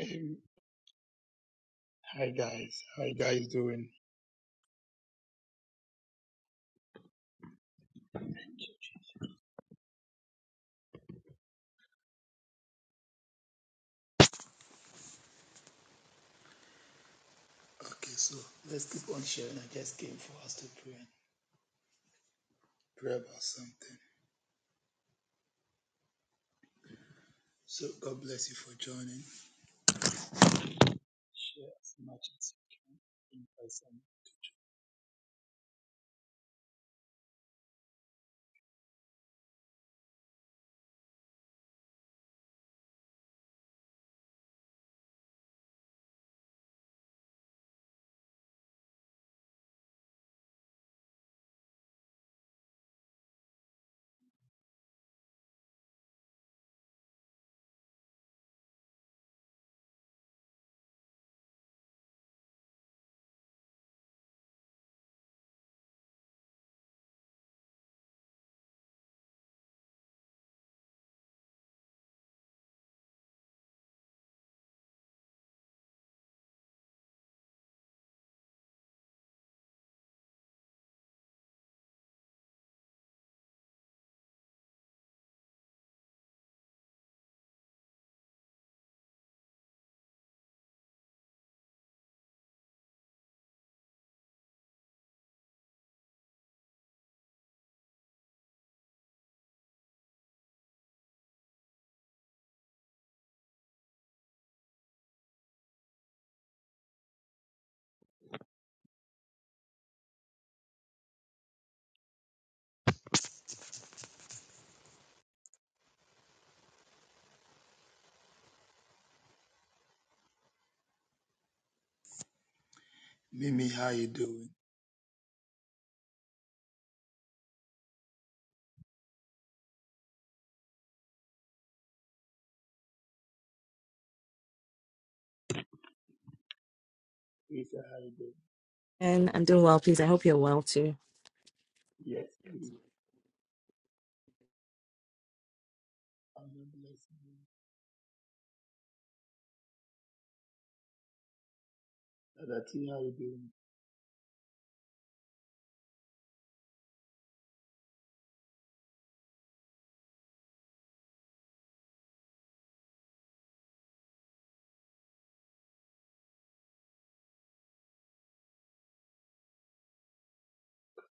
Hey, hi guys, how you guys doing? Okay, so let's keep on sharing. I just came for us to pray and pray about something. So God bless you for joining. Share as much as you can. by some- Mimi, how you doing? Lisa, how you doing? And I'm doing well, please. I hope you're well too. Yes, me. I'm not blessing you. Dada how you doing?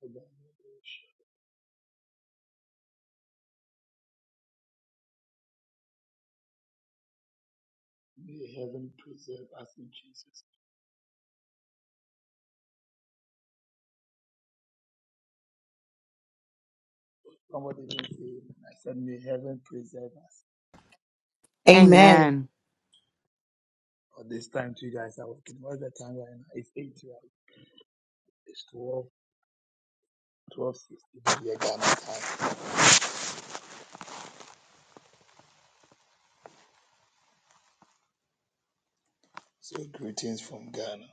God bless you. May heaven preserve us in Jesus. Somebody even say, amen. I said, may heaven preserve us. Amen. Amen. Or this time, two guys are working. What's the time right now? It's eight, right? It's 12. twelve sixteen here Ghana time. So greetings from Ghana.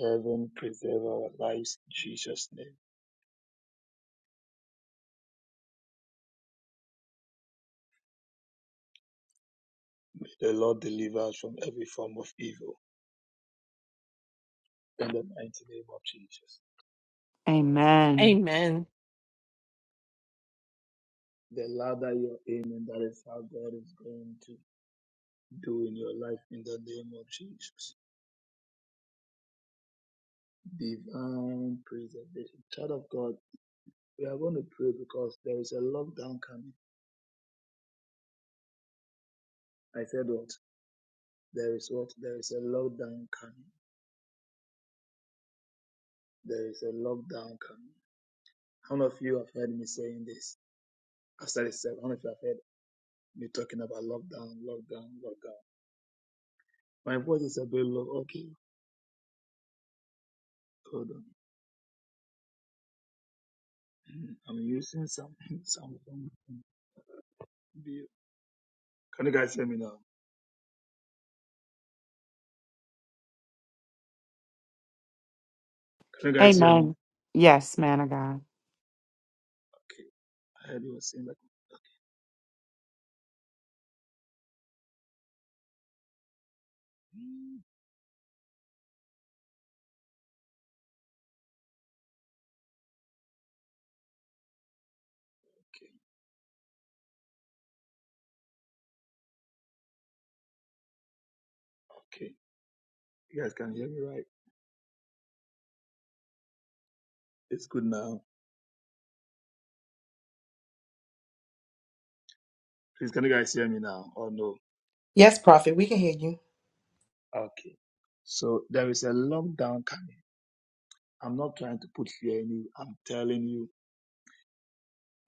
Heaven preserve our lives in Jesus' name. May the Lord deliver us from every form of evil in the mighty name of Jesus. Amen. Amen. The ladder you're aiming, that is how God is going to do in your life in the name of Jesus. Divine preservation. Child of God, we are going to pray because there is a lockdown coming. I said what? There is what? There is a lockdown coming. There is a lockdown coming. I don't know if you have heard me saying this. I said it several. I don't know if you have heard me talking about lockdown, lockdown, lockdown. My voice is a bit low. Okay, hold on. I'm using some some phone. Can you guys hear me now? Can you guys hear me? Amen. Yes, man of God. Okay. I heard you were saying that. Mm, Okay. Okay. You guys can hear me right? It's good now. Please, can you guys hear me now? Oh no. Yes, prophet, we can hear you. Okay. So there is a lockdown coming. I'm not trying to put fear in you. I'm telling you.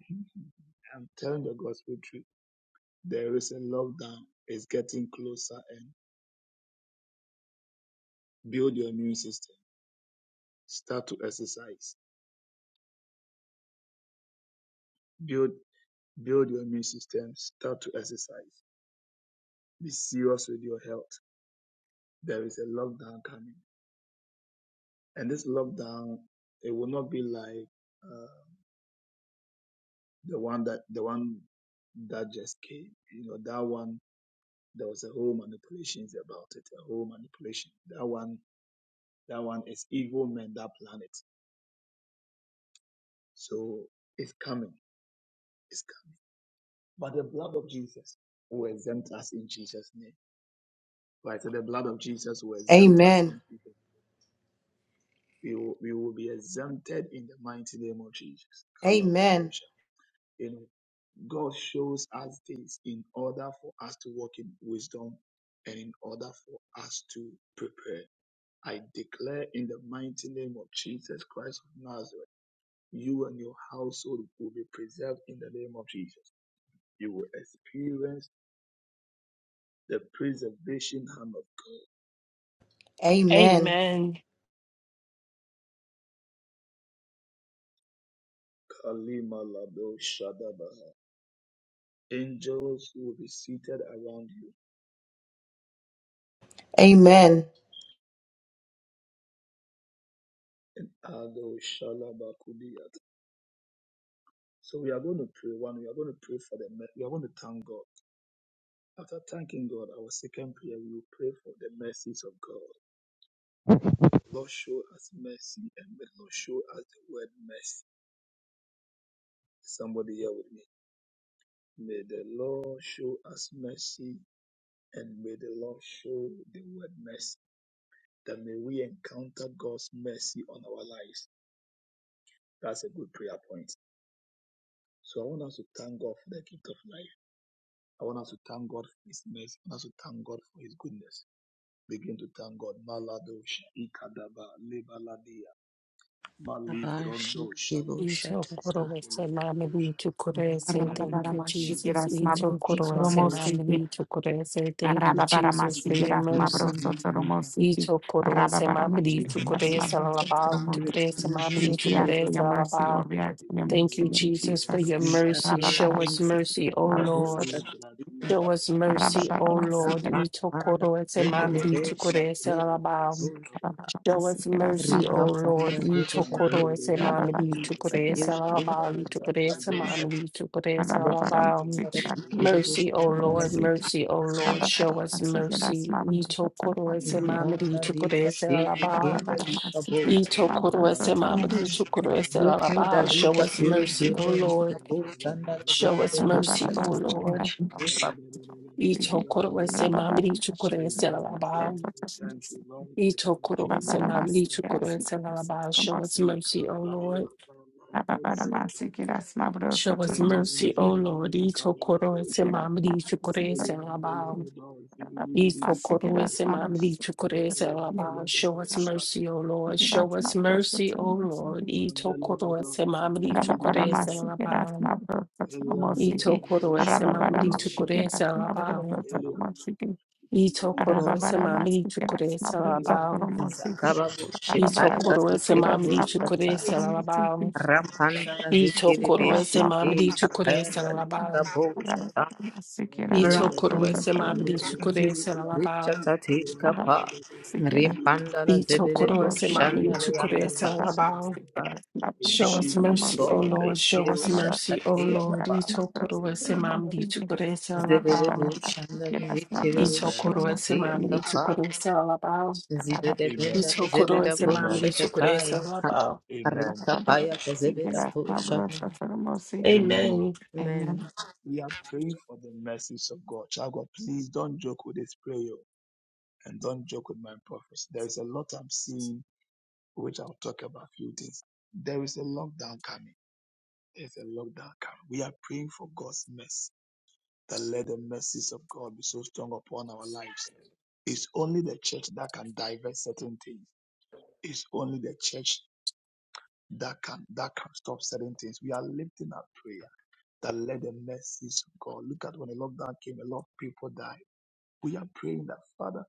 I'm telling the gospel truth. There is a lockdown. It's getting closer and build your immune system. Start to exercise. Build build your immune system. Start to exercise. Be serious with your health. There is a lockdown coming. And this lockdown, it will not be like uh, the one that the one that just came. You know, that one there was a whole manipulations about it, a whole manipulation. That one that one is evil men that plan it. So it's coming. It's coming But the blood of Jesus will exempt us in Jesus' name. Right? So the blood of Jesus will exempt us Amen. in Jesus. We will, we will be exempted in the mighty name of Jesus. Amen. Kalabadosha. You know, God shows us this in order for us to walk in wisdom and in order for us to prepare. I declare in the mighty name of Jesus Christ of Nazareth, you and your household will be preserved in the name of Jesus. You will experience the preservation hand of God Amen. Amen. Kalima Lado Shadabaha. Angels who will be seated around you. Amen. Ado Shalabakudiyat. So we are going to pray one. We are going to pray for the. mer- We are going to thank God. After thanking God, our second prayer, we will pray for the mercies of God. Lord, show us mercy, and may the Lord show us the word mercy. Somebody here with me. May the Lord show us mercy, and may the Lord show the word mercy. That may we encounter God's mercy on our lives. That's a good prayer point. So I want us to thank God for the gift of life. I want us to thank God for His mercy. I want us to thank God for His goodness. Begin to thank God. Maladosha, Ikadaba, Lebaladia, Mali Abashi Grondo, Kibo Shayu, Ito Shatata Itokorowese, Skepelegadosha, Lord, Thank you, we ask for Melegadiza, Jesus. Ito your Itokorowese, Abaho mercy, Lord. mamini, We Shatata itokorowese, Thank The you, ask Jesus, for your mercy. Ito Itokorowese, mamini, Librandos, itokorowese, lalabao, Ibrando, itokorowese, Ndakina Pagos, mamini, Sabado, Zikirebe for itokorowese, your mercy, lalabao. Thank you, Ibelian, Lord Jesus, for Jesus. Belegado, your mercy. Shadabado, Show Ndakiri us mercy, O Ndakabo Lord. Peligradiza, Show us mercy, O Shalabado, Lord. Ito Shatata Panda Itokorowese, We thank you, Lord. We thank you, Lord. We thank you, Lord. We thank you, Lord. mamini, Zikirebe itokorowese, Shatwe lalabao. Show us mercy, Ripa O Panda Lord. You took Zikirebe Korese Rabba Rabba Shatati Mamadi to Masi Korese Kakiri Indala Alabali to Korese Zwakabo Shatata Mamadi to Korese Alabali. Kiras Zikiribo We Mercy, O thank Shatala Lord, you, Zikiribo Shatati mercy, O Lord, show us mercy. You took Korese Zibanda Mamadi to Lika Korese Dede Alabali. Kenda You Lika took Korese Mamadi to Korese Alabali. Show us mercy, O Lord. Show us mercy, O Lord. You took Korese Lord. Mamadi to Korese Preserve us, O Alabali. Lord. We thank you, Lord. We thank Itokoro you, Lord. Itokorowasema, We thank you, Lord. Lichukorowaselaba. Show us mercy, O Ikabaya Lord. balabosa Mabroso Show us mercy, Toromosiki, O Lord. Elentodibidi Itokoro kabalabosha Rabba Rabba, Itokoro Lichukorowaselaba. Ikelendelebedos Ibidibidi Itokorowasema, kabalabosha Lichukorowaselaba. Show us Ikelendelebedos mercy, O Lord. Show us mercy, O Lord. Itokoro Mandelebedos Itokoro Ibidibidi kabalabosha Lichukorowaselaba. Eliandelebedos Itokorowasema, Shalabalabala Lichukorowaselaba. Elianda Ibidibidi Itokoro kabalabosha Lichukorowaselaba. Eliandelebedos Itokorowasema, Malabedos Lichukorowaselaba. Ito korose mamri Ibidibidi chukurese lalabao. kabalabosha In Sikira, Ito korose mamri Smart, chukurese lalabao. Rimpandala Ito zebede bu korose mamri shandala chukurese yakata. lalabao. Show us Thank you, Jesus' mercy, O name, God. Lord. Rikiri Show bu us mercy, O shatati Lord. yakapa. Ito korose amen, mamri chukurese Zebedebo lalabao. shanda zikiribo Ito amen, korose shakati mamri akafa. chukurese lalabao. Zibede amen, benda Ito zebeda korose po mamri amen, chukurese shakataya. lalabao. amen, Arika paya zebeda po shana. Amen. amen. Amen. Amen. We are praying for the mercies of God. Child of God, please don't joke with this prayer and don't joke with my prophets. There is a lot I'm seeing, which I'll talk about a few things. There is a lockdown coming. There's a lockdown coming. We are praying for God's mercy that let the mercies of God be so strong upon our lives. It's only the church that can divert certain things. It's only the church that can that can stop certain things. We are lifting our prayer that let the mercies of God. Look at when the lockdown came, a lot of people died. We are praying that Father,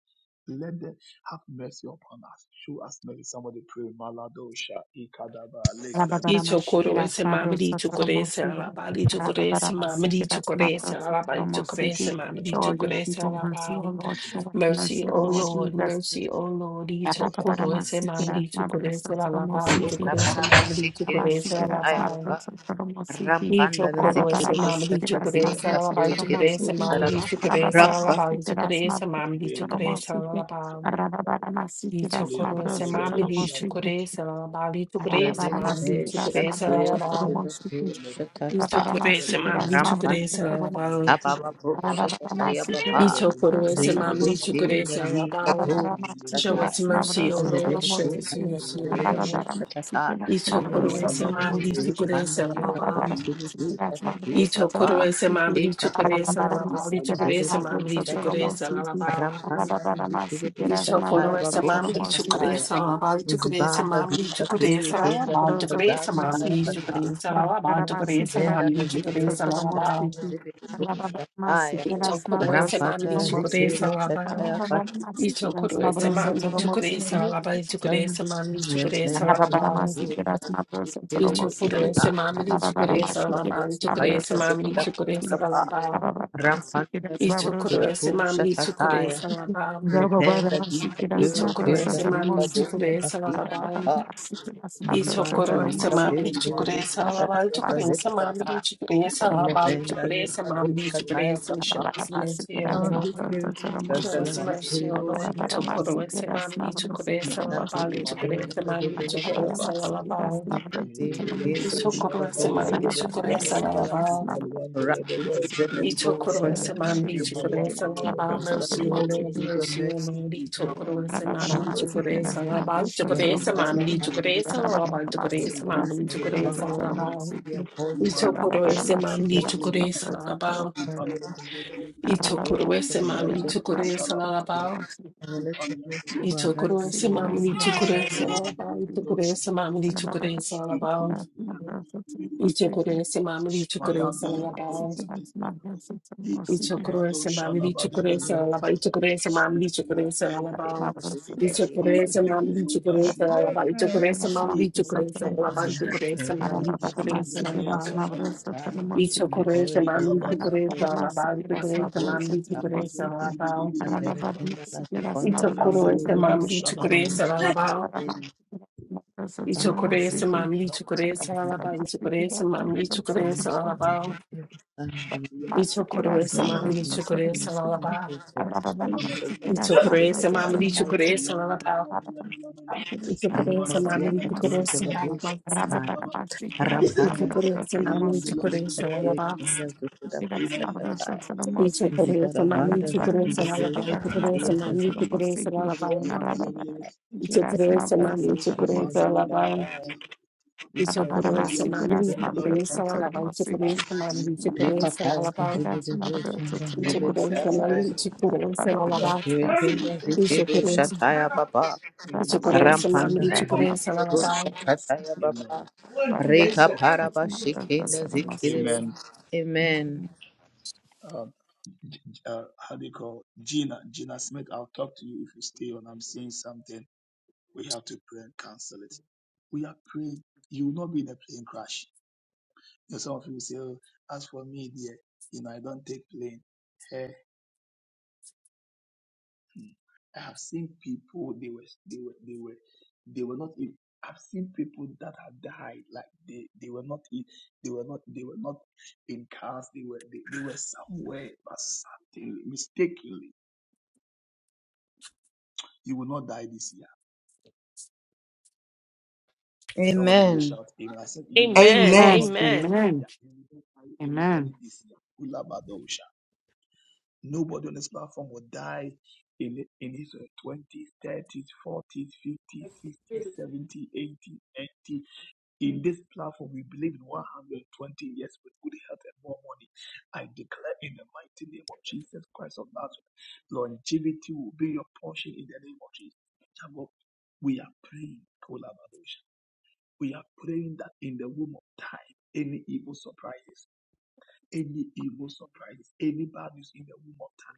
let them have mercy upon us. Show us mercy. Somebody pray. Maladosha ikadaba lekradia. Ito Rababaramashikiras korese mamadi to korese Mabrosotoromosi, alabali to korese mamadi to Rababaramasikiras korese alabali to korese Mabrosotoromosi. mamadi shikadaba, Show to your korese people mercy, O alabali. Lord, show us Mercy, mercy, O O Lord Lord, Jesus. mercy, O Lord. Ito korese Rababaramasikiras mamadi to korese alabali to Mabrosotoromosi, Thank korese Ukabaraba mamadi to shikiribo korese Rababaramasikiras shakaya baba. alabali. Mabrosotoromosi, Rampanda Ito korese zikiribo mamadi to Rababaramasikiras shakati korese akafe alabali to kiribo korese Mabrosotoromosi, mamadi to korese sharaba. alabali to Rababaramasikiras korese mamadi to korese Mabrosotoromosi, alabali. Ito Rababaramasikiras korese mamadi to Mabrosotoromosi. korese alabali Arabara, to korese mamadi Lebedebe to korese Shatuya alabali. Zibibati Ito Shatata kurese mam, litu kurese Rampanda alabang. Tabababu Shatataya Baba Ito kurese mam, Rike litu kurese Dinali alabang. Babu Show Shatataya us mercy, O Lord. Show Zebedabu us Kanda mercy, O Lord. Zebedabu Shatata Ito You are kurese mam, no litu more Kanda kurese you. Likabu alabang. Zibibu Shatatuya Ito Kapa kurese mam, litu Ekatuya kurese Zibibu alabang. Litu kurese mam, Zebedabu litu Shatapa kurese alabang. Rampanda Zibibu Ito Shataya kurese Babu mam, litu Shatataya kurese alabang. Litu Rabba kurese Rabba Zibanda mam, zika litu piri kurese kenda ito Litu zika kurese zaka mam, kaya litu kata. kurese alabang. Litu kurese mam, Nebenda na litu zikiri kurese mishana alabang. na zibiri busha kaya. Itokoro Rampanda esemami na chukure zikiri busha salaba. kaya kata. Itokoro esemami Nebenda chukure salaba. zika Chukure esemami chukure salaba. busha zikiri busha Itokoro kaya. esemami chukure Rika papu salaba. Chukure kaya ta esemami zibika kaya chukure kapa. salaba. Rampanda na Itokoro zikura busha esemami chukure kaya. salaba. Nebenda zika piri Itokoro kenda zika esemami busha chukure kaya salaba. Zibanda Itokoresa lika Rabba, mami peke Preserve rebe chukuresa That's sata us, not alabali yaka O rebe chukuresa that's kata. mami chukuresa not a mercy. alabali Lebenda chukuresa lika mami boka kaya chukuresa show kaka. us mercy, O That's not Ahi Lord. a that's kirebo not a Lord. sata Show Preserve mercy. la us us, O mercy, O Lord. That's zikirebo not Lord. a Preserve sata. us, O mercy. Itokoresa That's mami Lord. chukuresa Ika peke We alabali kenda chukuresa la zote mami la balaba. chukuresa alabali. Ika peke kenda lika bo Itokoresa mami shanda yote chukuresa la balaba. alabali. Rapu tuzele ko shanda la Itokorosema, zikirebo mercy, sata. O Lord, Lord, Your mercy, O mercy, Lord, Lord. Seeking, Itokorosema, Father, in the Itokoresalaba, mercy. Wari Itokoresema, karabakanda lika Itokoresalaba, Itokoresema, the ground of the Itokoresalaba, be aborted. Lord, Itokorosema, be the Thank you. Itokoresalaba, Father of the Ikabana Lord, who God, from the Itokorosema, depths of the Itokoresalaba, Thank you. Father, Itokorosema, Itokoresalaba, Itokoresema, Itokoresalaba, Itokorosema, Itokoresalaba, Ichokurese mamli chokurese alaba ichokurese mamli chokurese alaba ichokurese mamli chokurese alaba ichokurese Las manos mamli sobre chokurese la alaba música, ichokurese Para mamli chokurese Teraz alaba mam wysokie emocje, ichokurese mamli chokurese Arababara masi alaba do teraz na ichokurese Yabala mamli wysokie chokurese emocje, alaba Para masi teraz na wysokie emocje, ichokurese Arababara masi teraz na wysokie mamli emocje, chokurese alaba Arababara masi teraz na wysokie ichokurese let emocje, mamli Rabba chokurese alaba ichokurese mamli chokurese it be alaba ichokurese was upon us mamli from sin and chokurese alaba faithful. In Ito kuresa mama ito kuresa lalaba. Ito kuresa mama ito kuresa lalaba. Ito kuresa mama ito kuresa you lalaba. Ito kuresa mama ito kuresa lalaba. Ito kuresa mama ito kuresa lalaba. In the name Ito Get us, kuresa love mama us, ito that's our kuresa most. lalaba. Ito Amen. kuresa mama ito kuresa lalaba. Ito kuresa mama ito kuresa lalaba. Ito kuresa mama ito kuresa lalaba. Ito kuresa ito kuresa Zikiru Shataya Baba of Jesus. mama Rampanda ito Zikiru kuresa Shataya Baba Amen. Reka Paraba Shikina Zikiru Amen. lalaba. Amen Um, uh, how do you call Gina, Gina Smith, I'll talk to you if you stay on. I'm seeing something. We have to pray and cancel it. We are praying. You will not be in a plane crash. You know, some of you say, oh, as for me, dear, you know, I don't take plane. Eh, hmm. I have seen people, they were, they were, they were, they were not, e- I've seen people that have died, like they, they were not, e- they were not, they were not in cars, they were, they, they were somewhere, but suddenly, mistakenly, you will not die this year. Somebody Amen didn't shout amen. I said, you will, you Amen. will Amen. not die Amen. this Amen. year. You will not die anybody Amen. this year. Kulabadosha. Nobody on this platform will die in, in his uh, 20s, 30s, 40s, 50s, 60s, 70s, 80s, 90s. In this platform, we believe in 120 years with good health and more money. I declare in the mighty name of Jesus Christ of Nazareth, longevity will be your portion in the name of Jesus. Child of God, We are praying, Kolabadosha. We are praying that in the womb of time, any evil surprises any evil surprise, any bad news in the womb of time.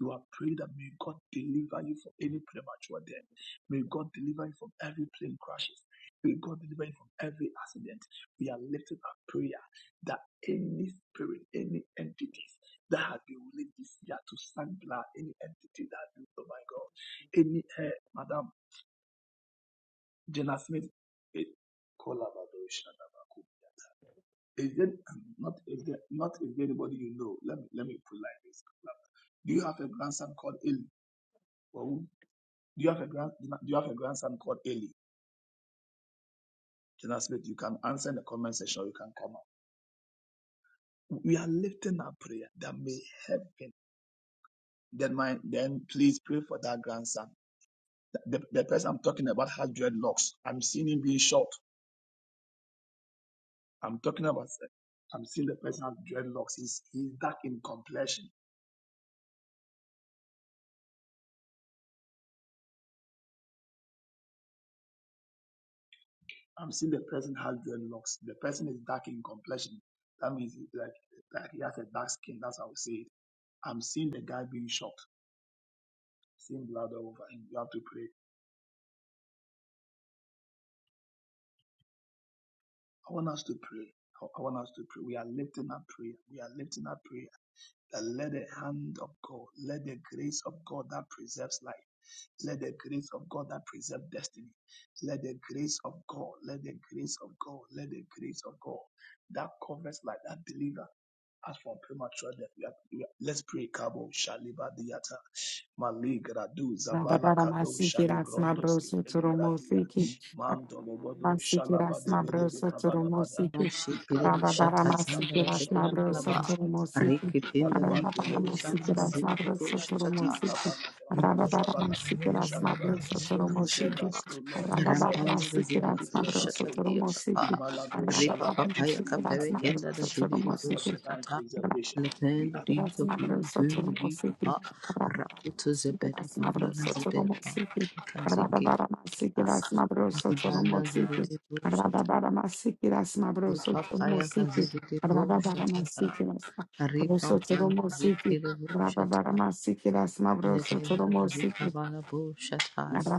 You are praying that may God deliver you from any premature death. May God deliver you from every plane crashes. May God deliver you from every accident. We are lifting our prayer that any spirit, any entities that have been willing this year to sank blood, any entity that has been, oh my God, any, uh, Madam Jenna Smith, eh, is there um, not is there not is there anybody you know? Let me let me put it like this. Do you have a grandson called Eli? Or who- do you have a grand do you have a grandson called Eli? Jonathan Smith, you can answer in the comment section. or You can come up. We are lifting our prayer that may heaven. Then my then please pray for that grandson. The, the the person I'm talking about has dreadlocks. I'm seeing him being short. I'm talking about. I'm seeing the person has dreadlocks. He's he's dark in complexion. I'm seeing the person has dreadlocks. The person is dark in complexion. That means it's like, like he has a dark skin. That's how I would say it. I'm seeing the guy being shot, seeing blood all over him. You have to pray. I want us to pray. I I want us to pray. We are lifting up prayer. We are lifting up prayer. That let the hand of God, let the grace of God that preserves life, let the grace of God that preserves destiny, let the grace of God, let the grace of God, let the grace of God that covers like that delivers. As for premature death, we are, we are- let's pray. Kabo shaliba diata maligradu zabala kado Rabararamasikiras shalibrondo mabroso telegradia turumosiki. mando lobodo shalaba Rabararamasikiras de bede de mabroso kabalabada turumosiki. Shikiri ikalibradis shatatanda kabo Rabararamasikiras vatepela mabroso palava shalibrondo skata turumosiki. rekependa ipaluan lipo Delebedo shanda Rabararamasikiras zili po mabroso shatata turumosiki. Ikabalada, rako Ishabalaka, Rabararamasikiras Shadaba. mabroso rako Preserve turumosiki. us, O Lord. Preserve rampanda us, O Lord. zili po Rabararamasikiras Preserve us, mabroso O shatati Lord. yakapa turumosiki. Imalado repa Shalaba papa Dubidi yakapeve Rabararamasikiras kenda Kadiata. mabroso zili We po ask for turumosiki. divine shatata Rabba preservation. We lependa ask. Rabba dika pili pili dika pa rakuta zebeda panda na zebeda pa kazi kita zibanda zili po Papaya kazidi kushatata ripampanda zikiri bushata legenda na zikabala bushataya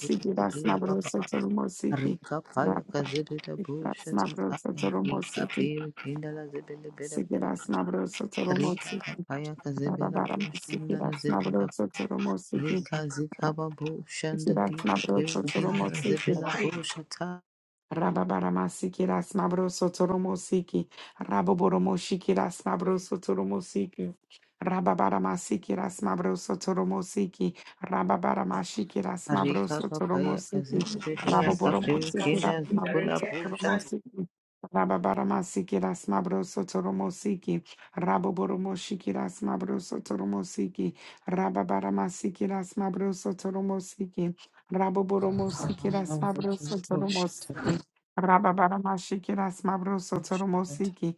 zikidia baba rikapaya kazidi da Rika Rabba, rikapiri kinda la zibili bida busha Sikiras Nabros Otoromosi, rikapapaya kazibida Rababaramasi, bushanda la Kiras zibida Nabros Otoromosi, rika zikaba bushanda Sikiras Nabros dikapiri kinda la Otoromosi, zibila bushataya Rababaramasiki mabroso toromosiki. Raboboromoshiki rasmabroso toromosiki. Rababaramasiki rasmabroso toromosiki. Rababaramashiki Rika rasmabroso papaya toromosiki. kazitirihia kapri Raboboromosiki kinda zukula rasmabroso pusha toromosiki. Rababaramasiki rasmabroso toromosiki. Raboboromoshiki rasmabroso toromosiki. Rababaramasiki rasmabroso toromosiki. Raboboromoshiki Manda zikiri rasmabroso boshata toromosiki. Rababaramashikiras mabroso boshata toromosiki.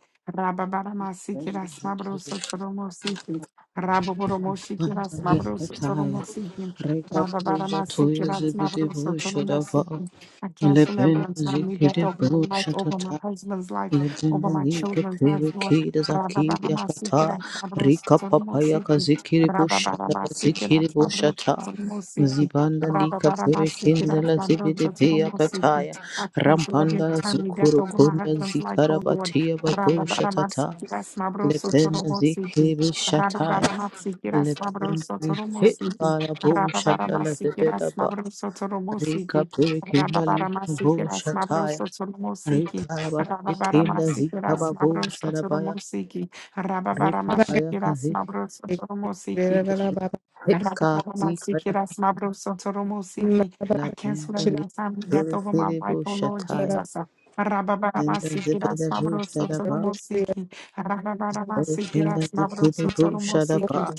rende Rababaramashikiras zikiri mabroso toromosiki. Raboboromoshikiras maya mabroso kataya. toromosiki. Rika puja toya Rababaramasikiras zibidi mabroso pusha dava. toromosiki. I cancel every Lependa untimely death zikiri of my life, pusha over my tata husband's life, over Legenda my League children's life, Lord. Pyrrhikida Zakidia Kata Rababaramasikiras mabroso Rika Papaya toromosiki. Kazikiri Bushanda Kazikiri Rababaramasikiras mabroso Bushata toromosiki. Zibanda Lika Pyrrhikinda Rababaramasikiras Lazibidi mabroso Pia toromosiki. Kataya I cancel every Rampanda untimely death Zukuru over my Kunda husband's life, oh Lord. Zikarabatia Babu Shatata Rababaramasiki rasmabroso Lependa toromosiki. Zikiri Shataya Rababaramasiki Lependa rasmabroso toromosiki. Zikara Bushanda Rababaramasiki Lazibida Ba rasmabroso Rika toromosiki. Pyrrhikinda Lika Rababaramasiki Bushataya rasmabroso toromosiki. Rikarabashikinda Rababaramasiki zikababo rasmabroso sharabaya toromosiki. Baba Rababaramasiki ripapaya kazi rasmabroso toromosiki. I kazi kaya cancel labenda every assignment death over my life, lipiribo oh Lord shataya Jesus. Rabba nenda zibeda bu sharaba rikenda zikiribo sharaba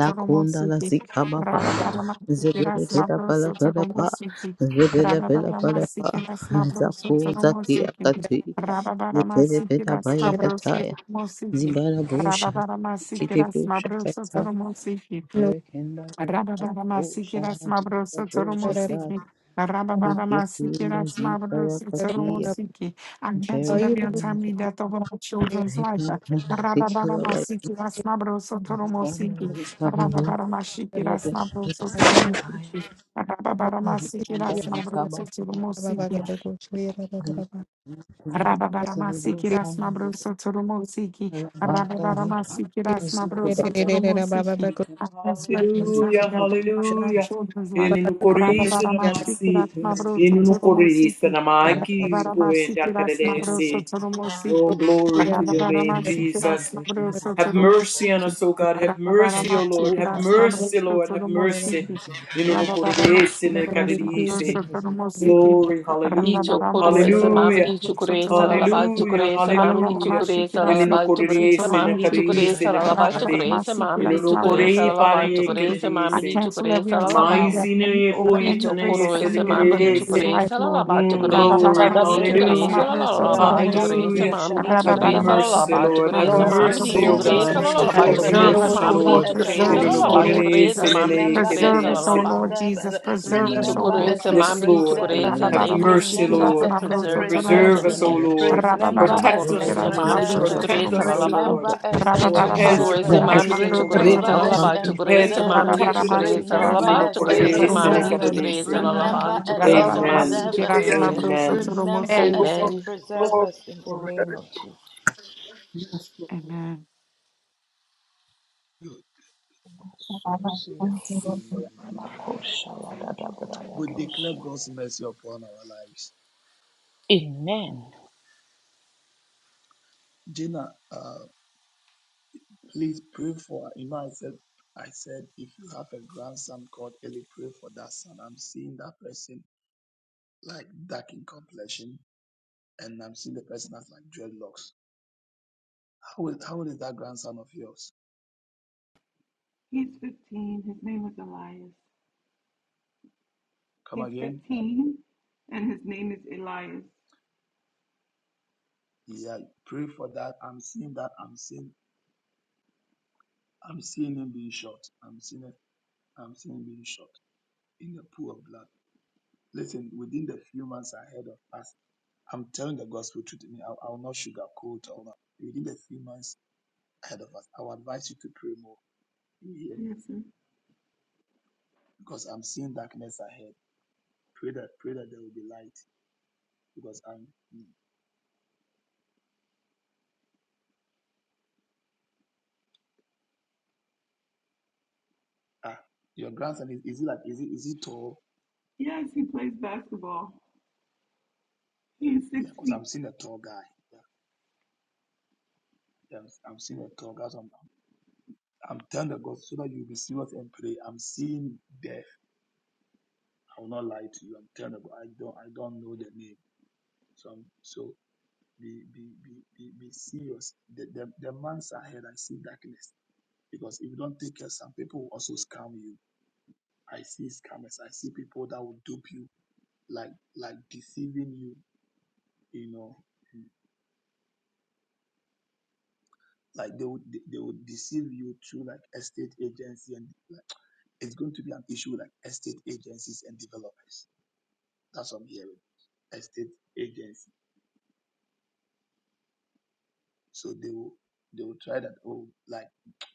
lakunda la zikababa zibeda beda bala bala ba zibeda bela bala ba zaku zakia kati zibeda beda Rabararamasikiras baya kataya Mabrosotmosiki. zibara busha kiribo Rabararamasikiras shataya Mabrosotmosiki. Americanda Rosha Rabararamasikiras Zika Rosha Tai Mabrosotmosiki. Ikikinda Rabararamasikiras Zika Yakakia Mabrosotmosiki. I cancel every Americanda untimely death over my children's life. Zipana Zikiwa Rabararamasikiras Banda Mabrosotmosiki. Zikaba Munda Rababaramasikiras Mabrosotmosiki. Zikanda Rababaramasikiras Zikaba Mabrosotmosiki. Munda Zikinda Zikiri Rosha Rababaramasikiras Zika mabroso toromosiki. Banda Zika Rababaramasi rasma Ziku mabroso Baba toromosiki. I cancel every untimely Hallelujah, Zikiri death over my Rosha hallelujah. Tata grandchildren's Ele life. no Zikinda corista na Rababaramasi rasma masi, Zikinda mabroso ele no Zika corista toromosiki. na Laka maqui, Zuku poenda Rababaramasikiras Zikiri mabroso cadece. Rosha Oh, toromosiki. glory to your Thank name, Rababaramasi Jesus. rasma mabroso Have mercy on toromosiki. us, O God. Have mercy, O Lord. you. Have Rababaramasikiras mercy, mabroso Lord. Have mercy. toromosiki. In ono kore ese Rababaramasi ne kade rasma ese. mabroso toromosiki. Glory, I cancel hallelujah, Itokuresa hallelujah, mamadi chukuresa lalabal hallelujah, chukuresa mamadi hallelujah. chukuresa Inu lalabal korere chukuresa se na mamadi kare se chukuresa na lalabal mate. chukuresa mamadi Inu chukuresa kore lalabal pare chukuresa kare mamadi se. every chukuresa untimely Amai lalabal death sine any e over poeta any Dicho ne grace coro se de family ese mami member's kare dicho Amen. life, crece la Lord. lava tu Mm, Amen. crece glory, mami dicho Tadabre crece kapa, hallelujah, la Amen. lava tu rababake crece hallelujah. mami besha, dicho Have crece Amen. la mercy, antadabre. lava tu Lord, have crece Lord, mami mercy, dicho O preserve Amen. us, God, crece la lava tu preserve have us, Preserve crece us, mercy, O mami remember Lord. Lord, dicho us and crece In preserve la an us, O Amen. lava preserve tu us, Lord crece Jesus. mami dicho remember us crece Preserve la and us, O lava Lord preserve Jesus. us, Preserve us, O Amen. remember Lord Itokorese, us and Yes, Jesus. mami, Lord, preserve us, itokorese. have Amen. Thank you, mercy, Jesus, remember Rababaramasikeras for Lord. us and preserving us preserve Preserve in the us, us. O Mabrosotsoromosiki. name of Lord. Jesus. Remember Protect us us, Amen. Amen. and O Itokorese, Rababaramasikeras Lord. mami, preserve us. Protect itokorese, us, O Mabrosotsoromosiki. lalaba. Lord. Remember us and Oh, a hedge preserve of us. Itokorese, Rababaramasikeras mami, protection, O God. itokorese, Remember Thank us lalaba. you, and Mabrosotsoromosiki. Hedge Itokorese, thank of preserve us. mami, protection. you. itokorese, In Rababaramasikeras Remember an lalaba. us and Itokorese, mami, preserve us. Mabrosotsoromosiki. itokorese, lalaba. Remember us and Itokorese, mami, Amen. preserve us, Rababaramasikeras Lord. itokorese. Amen. Remember Mabrosotsoromosiki. Amen. us Glory, and Amen. preserve glory, us in the name glory. of Jesus. Yes, Lord. Amen. Good. Amen. We declare God's mercy upon our lives. Amen. Gina, uh, Please pray for you know I said I said if you have a grandson called Eli, pray for that son. I'm seeing that person like dark in complexion and I'm seeing the person as like dreadlocks. How is how old is that grandson of yours? He's 15. His name was Elias. Come He's again? 15, and his name is Elias. Yeah, pray for that. I'm seeing that I'm seeing I'm seeing him being shot. I'm seeing it I'm seeing him being shot in the pool of blood. Listen, within the few months ahead of us, I'm telling the gospel truth to me. I, I will not sugarcoat or not. Within the few months ahead of us. I would advise you to pray more. You hear? Yes, sir. Because I'm seeing darkness ahead. Pray that pray that there will be light. Because I'm mm, ah your grandson is, is he like is he is he tall? Yes, he plays basketball. He's Yeah, six because feet. I'm seeing a tall guy. Yeah, yeah I'm, I'm seeing a tall guy. So I'm, I'm I'm telling the God so that you'll be serious and pray. I'm seeing death. I will not lie to you. I'm telling the God. I don't I don't know the name. So I'm so be be be be, be serious. The, the the months ahead I see darkness. Because if you don't take care, some people will also scam you I see scammers. I see people that will dupe you, like like deceiving you. You know, like they would they would deceive you through like estate agency, and like, it's going to be an issue with like estate agencies and development. That's what I'm hearing. Estate agency. So they will they will try that. Oh, like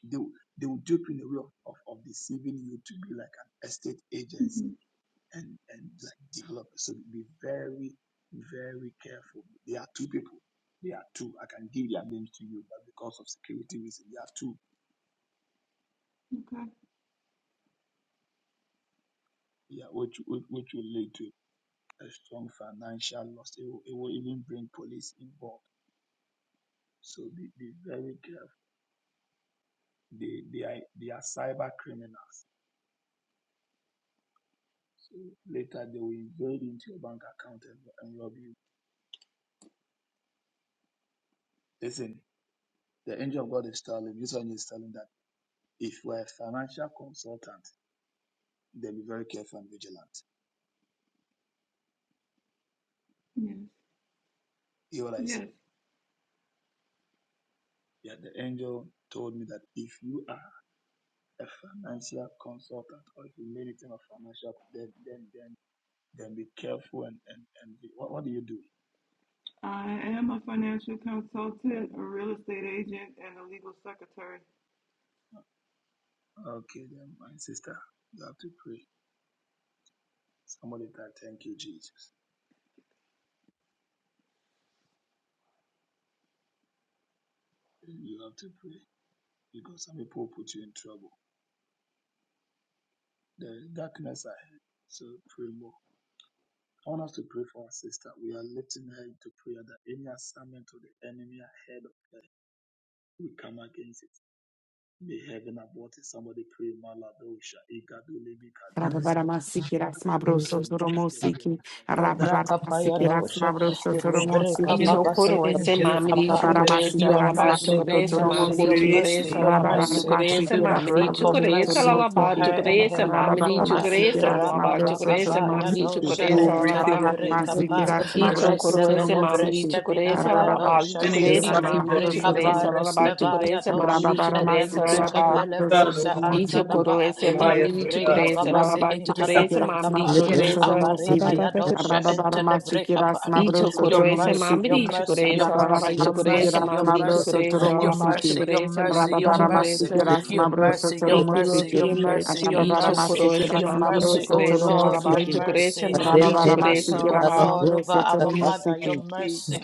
they will, they will dupe you in a way of, of, of deceiving you to be like an estate agency hmm and and like develop it. So be very, very careful. There are two people. There are two. I can give their names to you, but because of security reasons, there are two. Okay. Yeah, which which which will lead to a strong financial loss. It will, it will even bring police involved. So be, be very careful. They they are they are cyber criminals. So later they will invade into your bank account and, and rob you. Listen, the angel of God is telling this one is telling that if you are a financial consultant Then be very careful and vigilant. Yes. Hear what I Yes. said. Yeah, the angel told me that if you are a financial consultant or if you need anything of financial, then then then then be careful and and and be, what what do you do? I am a financial consultant, a real estate agent, and a legal secretary. Okay, then my sister, you have to pray. Somebody that thank you, Jesus. You have to pray because some people put you in trouble. There is darkness ahead, so pray more. I want us to pray for our sister. We are lifting her into prayer that any assignment to the enemy ahead of her, we come against it May heaven abort it. Somebody pray Maladosha. Igaduli Bikadia. Rababaramasikeras Alebrendos Mabrosotsoromosiki. Kepelegrados Braka paya Shalibrendos Rababaramasikeras dosha, ilibreka Mabrosotsoromosiki. In the Son Itokoro babasi and ese Aladosha indi Rabba Ghost, mamiri kapa. in the Lebrandos chukore name ese Your lalaba mercy, Kepelegradia chukore your ese mercy, mamiri of your Belegradosha. chukore Jesus. mercy, ese your lalaba In mercy. chukore ese We mamiri Ikodelados, pray the for chukore ese mercy lalaba for her chukore and ese her mamiri household. chukore ese lalaba Rababa chukore Eleantoladosha, ese kabaya mamiri chukore dosha ese Glory enter to lalaba the your name, breka Jesus. pa. Eleantoladosha, Itokoro Receive ese the mamiri breast chukore vina ese maya We lalaba have dosha. bought Any chukore every ese assignment plant of mamiri of it. the Ilibreka chukore enemy ese ba lalaba chukore restevaya ese We mamiri have dosha. chukore bought ese every Elembre against Jesus, lalaba plant Capele of it. Son, O Bresa God, Itokoro Antadaba ese We have bought Goliath, mamiri O every Ilebre chukore God, plant ese of it. Cababasi lalaba Rababara we chukore Intada come Masiki ese mamiri Rasmabro Brecapan in chukore the ese Sotoromo and Abare we name of have bought every Bayadosha plant of Enter the it, Brecapan Shada Jesus. Your Ichokorese mercy, your mambiri mercy, your chokorese lalaba mercy, your ichokorese mercy, your mambiri mercy, chokorese your lalaba mercy, your chokorese mercy, mambiri your mercy, chokorese. your mercy, your Thank you, mercy, Lord, for your your mercy, your mercy. mercy, Ichokorese your mambiri mercy, O chokorese Lord, lalaba your Zipanda chokorese mercy, mambiri your chokorese mercy, O Lord. lalaba. Lord, over our mother, your Siki, mercy.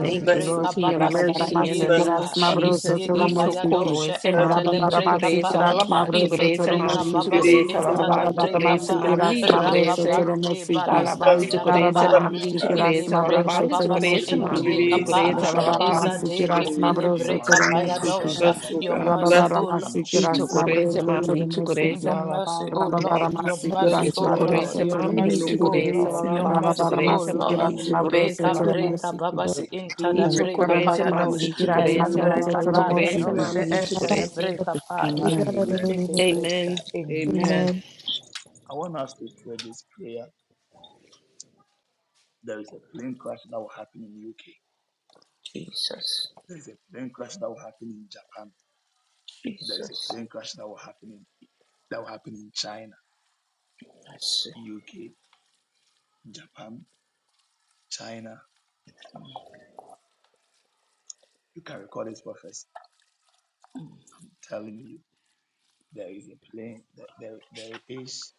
Thank you, Bless, O Lord, for your babasi mercy in the bless, O name of Arababaramasikiras indiekapa, God, Mabroso Jesus. Toromosiki. Itokoro iziekabayadosha ese bless, enter the mamri chukore bless, ese O breakapa, God. Arababaramasikiras lalaba Mabroso chukore ese ilibreka mamri Toromosiki. chukore babasi ese Cordelis, in enter lalaba the chukore the ese breakapa, Cordelis, mamri Arababaramasikiras chukore Mabroso ese rababande Toromosiki. barasta lalaba bless, O vina chukore God, ese bless, O kapaya, mamri God. chukore Arababaramasikiras ese ilibreka lalaba Mabroso chukore In babasi ese the Toromosiki. mamri chukore ese indiekapa, in lalaba izadeke Arababaramasikiras the Mabroso pilibreka Toromosiki. payadosha, Bless, O your God. mercy, Bless, O O Lord. in Arababaramasikiras itokoro Jesus' ese Mabroso mighty name. mamri chukore ese Toromosiki. Your mercy, lalaba O Lord, your Arababaramasikiras mercy, bless, zikete O O God. itokoro Amen. Lord, ese Mabroso your In the mamri name mercy, O of chukore Toromosiki. ese Jesus. Lord, In your lalaba mercy, chukore O ese Lord. mamri Arababaramasikiras Amen. chukore Mabroso ese Beka lalaba breka Toromosiki. babasi inta da Glory to itokoro Amen. breka your ese name, paya Jesus. mamri dos. chukore Amen. ese Elembre Glory lalaba to your name. chukore kabaya ese dos Amen. mamri enter chukore the ese breka paya. We Amen. take a breka. Amen. Amen. Amen. I want us to pray this prayer. There is a plane crash that will happen in UK. Jesus, There is a plane crash that will happen in Japan. There is a Jesus, plane crash that will happen in that will happen in China, mercy. UK, Japan, China. You can record this prophecy telling you there is a plane there, there, there is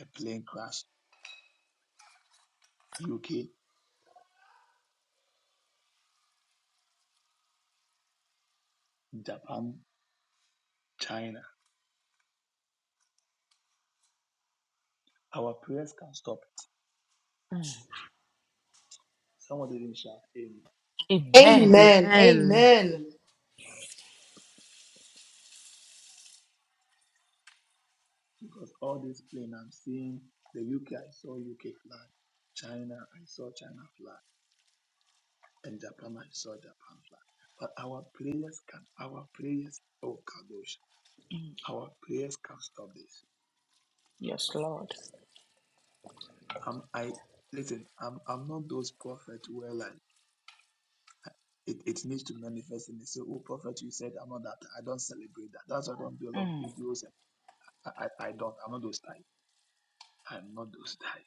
a plane crash. UK, Japan, China. Our prayers can stop it. Someone didn't shout amen. Amen. Amen. Amen. Our Amen. prayers because all this plane I'm seeing the UK, I saw UK flag, China, I saw China flag, and Japan, I saw Japan flag. But our prayers can, our prayers, oh Kadosh, our prayers can stop this. Yes, Lord. Um, I listen. I'm, I'm not those prophets where like it, it needs to manifest and they say, oh prophet, you said I'm not that. I don't celebrate that. That's why I don't do a lot of videos and I, I, I don't. I'm not those type. I'm not those type.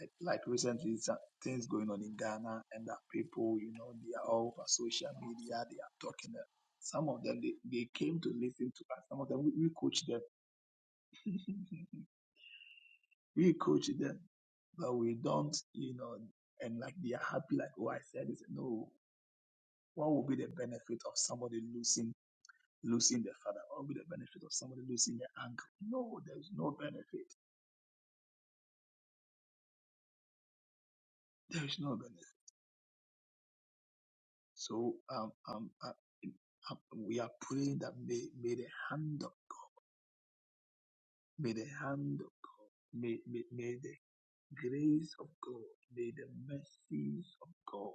Like, like recently, some things going on in Ghana, and that people, you know, they are all over social media. They are talking. uh, Some of them, they, they came to listen to us. Some of them, we, we coach them. we coach them, but we don't, you know, and like they are happy. Like, oh, I said this. No, what will be the benefit of somebody losing losing their father? What will be the benefit of somebody losing their uncle? No, there is no benefit. There is no benefit. So um, um, uh, uh, we are praying that may, may the hand of God, may the hand of God, may, may, may the grace of God, may the mercies of God,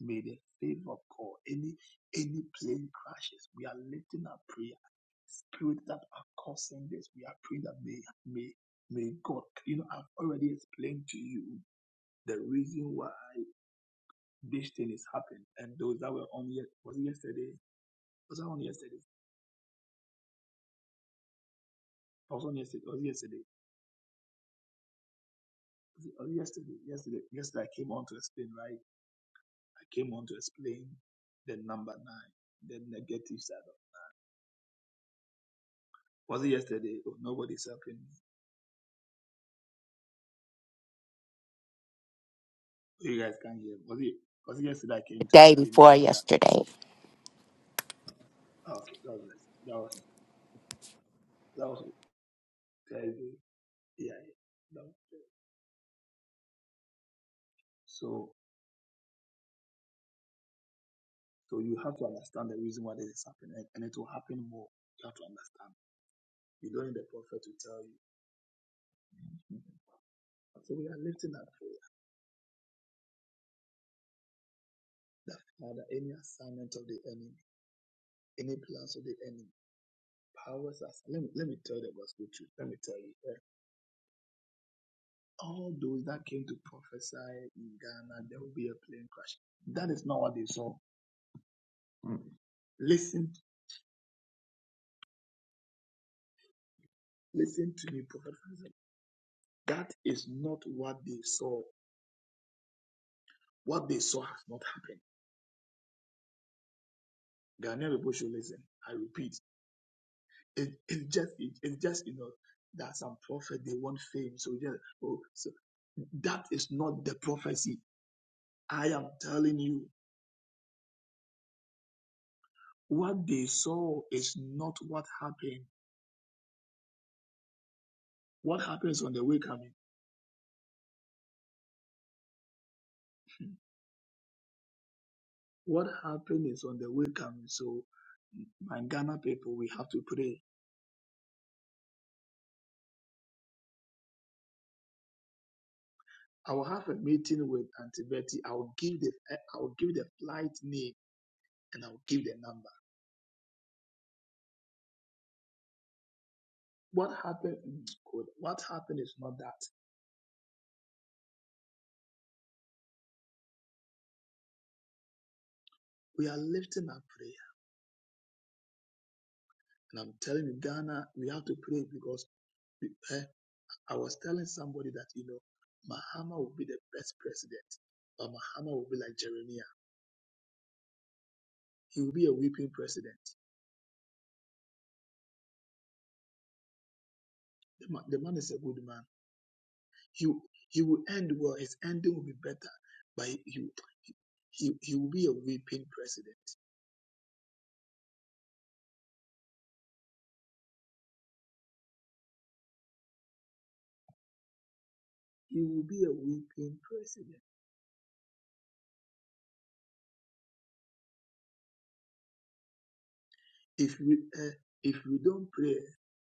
may the favor of God, any any plane crashes, we are lifting our prayer. Spirit that are causing this, we are praying that may may may God, you know, I've already explained to you the reason why this thing is happening. And those that were on yet was it yesterday, was that on yesterday? I was on yesterday. It Was yesterday? Was it- was yesterday? Yesterday. Yesterday, I came on to explain, right? I came on to explain the number nine, the negative side of. Was it yesterday? Oh, nobody's helping me. Oh, You guys can't hear. Was it? Was it yesterday? I came the to day explain before about that. yesterday. Ah, Okay, God bless. That was that was Thursday. Yeah, yeah. That was Thursday. So so you have to understand the reason why this is happening, and and it will happen more. You have to understand. You don't need the prophet to tell you. So we are lifting up prayer that Father, any assignment of the enemy. any plans of the enemy, powers as let me, let me tell the gospel truth. Let me tell you, eh, all those that came to prophesy in Ghana, there will be a plane crash. That is not what they saw. Mm. Listen, listen to me, Prophet Francis. That is not what they saw. What they saw has not happened. Ghanaian people should listen. I repeat, it, it's just it, it's just you know that some prophet they want fame, so just oh so that is not the prophecy. I am telling you What they saw is not what happened. What happens on the way coming? What happened is on the way coming. So, my Ghana people, we have to pray. I will have a meeting with Auntie Betty. I'll give the I'll give the flight name and I'll give the number. What happened? mm, good. What happened is not that. We are lifting our prayer, and I'm telling you, Ghana, we have to pray because we- eh, I was telling somebody that you know, Mahama will be the best president, but Mahama will be like Jeremiah. He will be a weeping president. The man, the man is a good man. He, he will end well. His ending will be better. But he, he, he, will be a weeping president. He will be a weeping president. If we, uh, if we don't pray,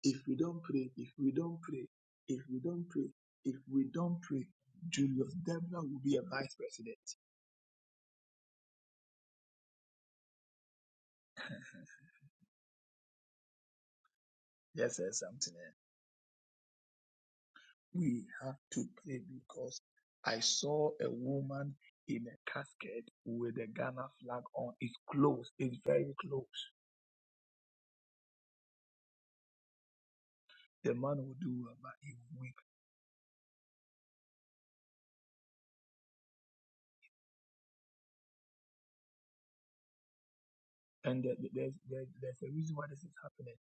if we don't pray, if we don't pray, if we don't pray, if we don't pray, Julius Deborah will be a vice president. Yes, sir, something else. we have to pray because I saw a woman in a casket with a Ghana flag on. It's close. It's very close. The man will do well, but he will weep. And there- there's, there's, there's a reason why this is happening.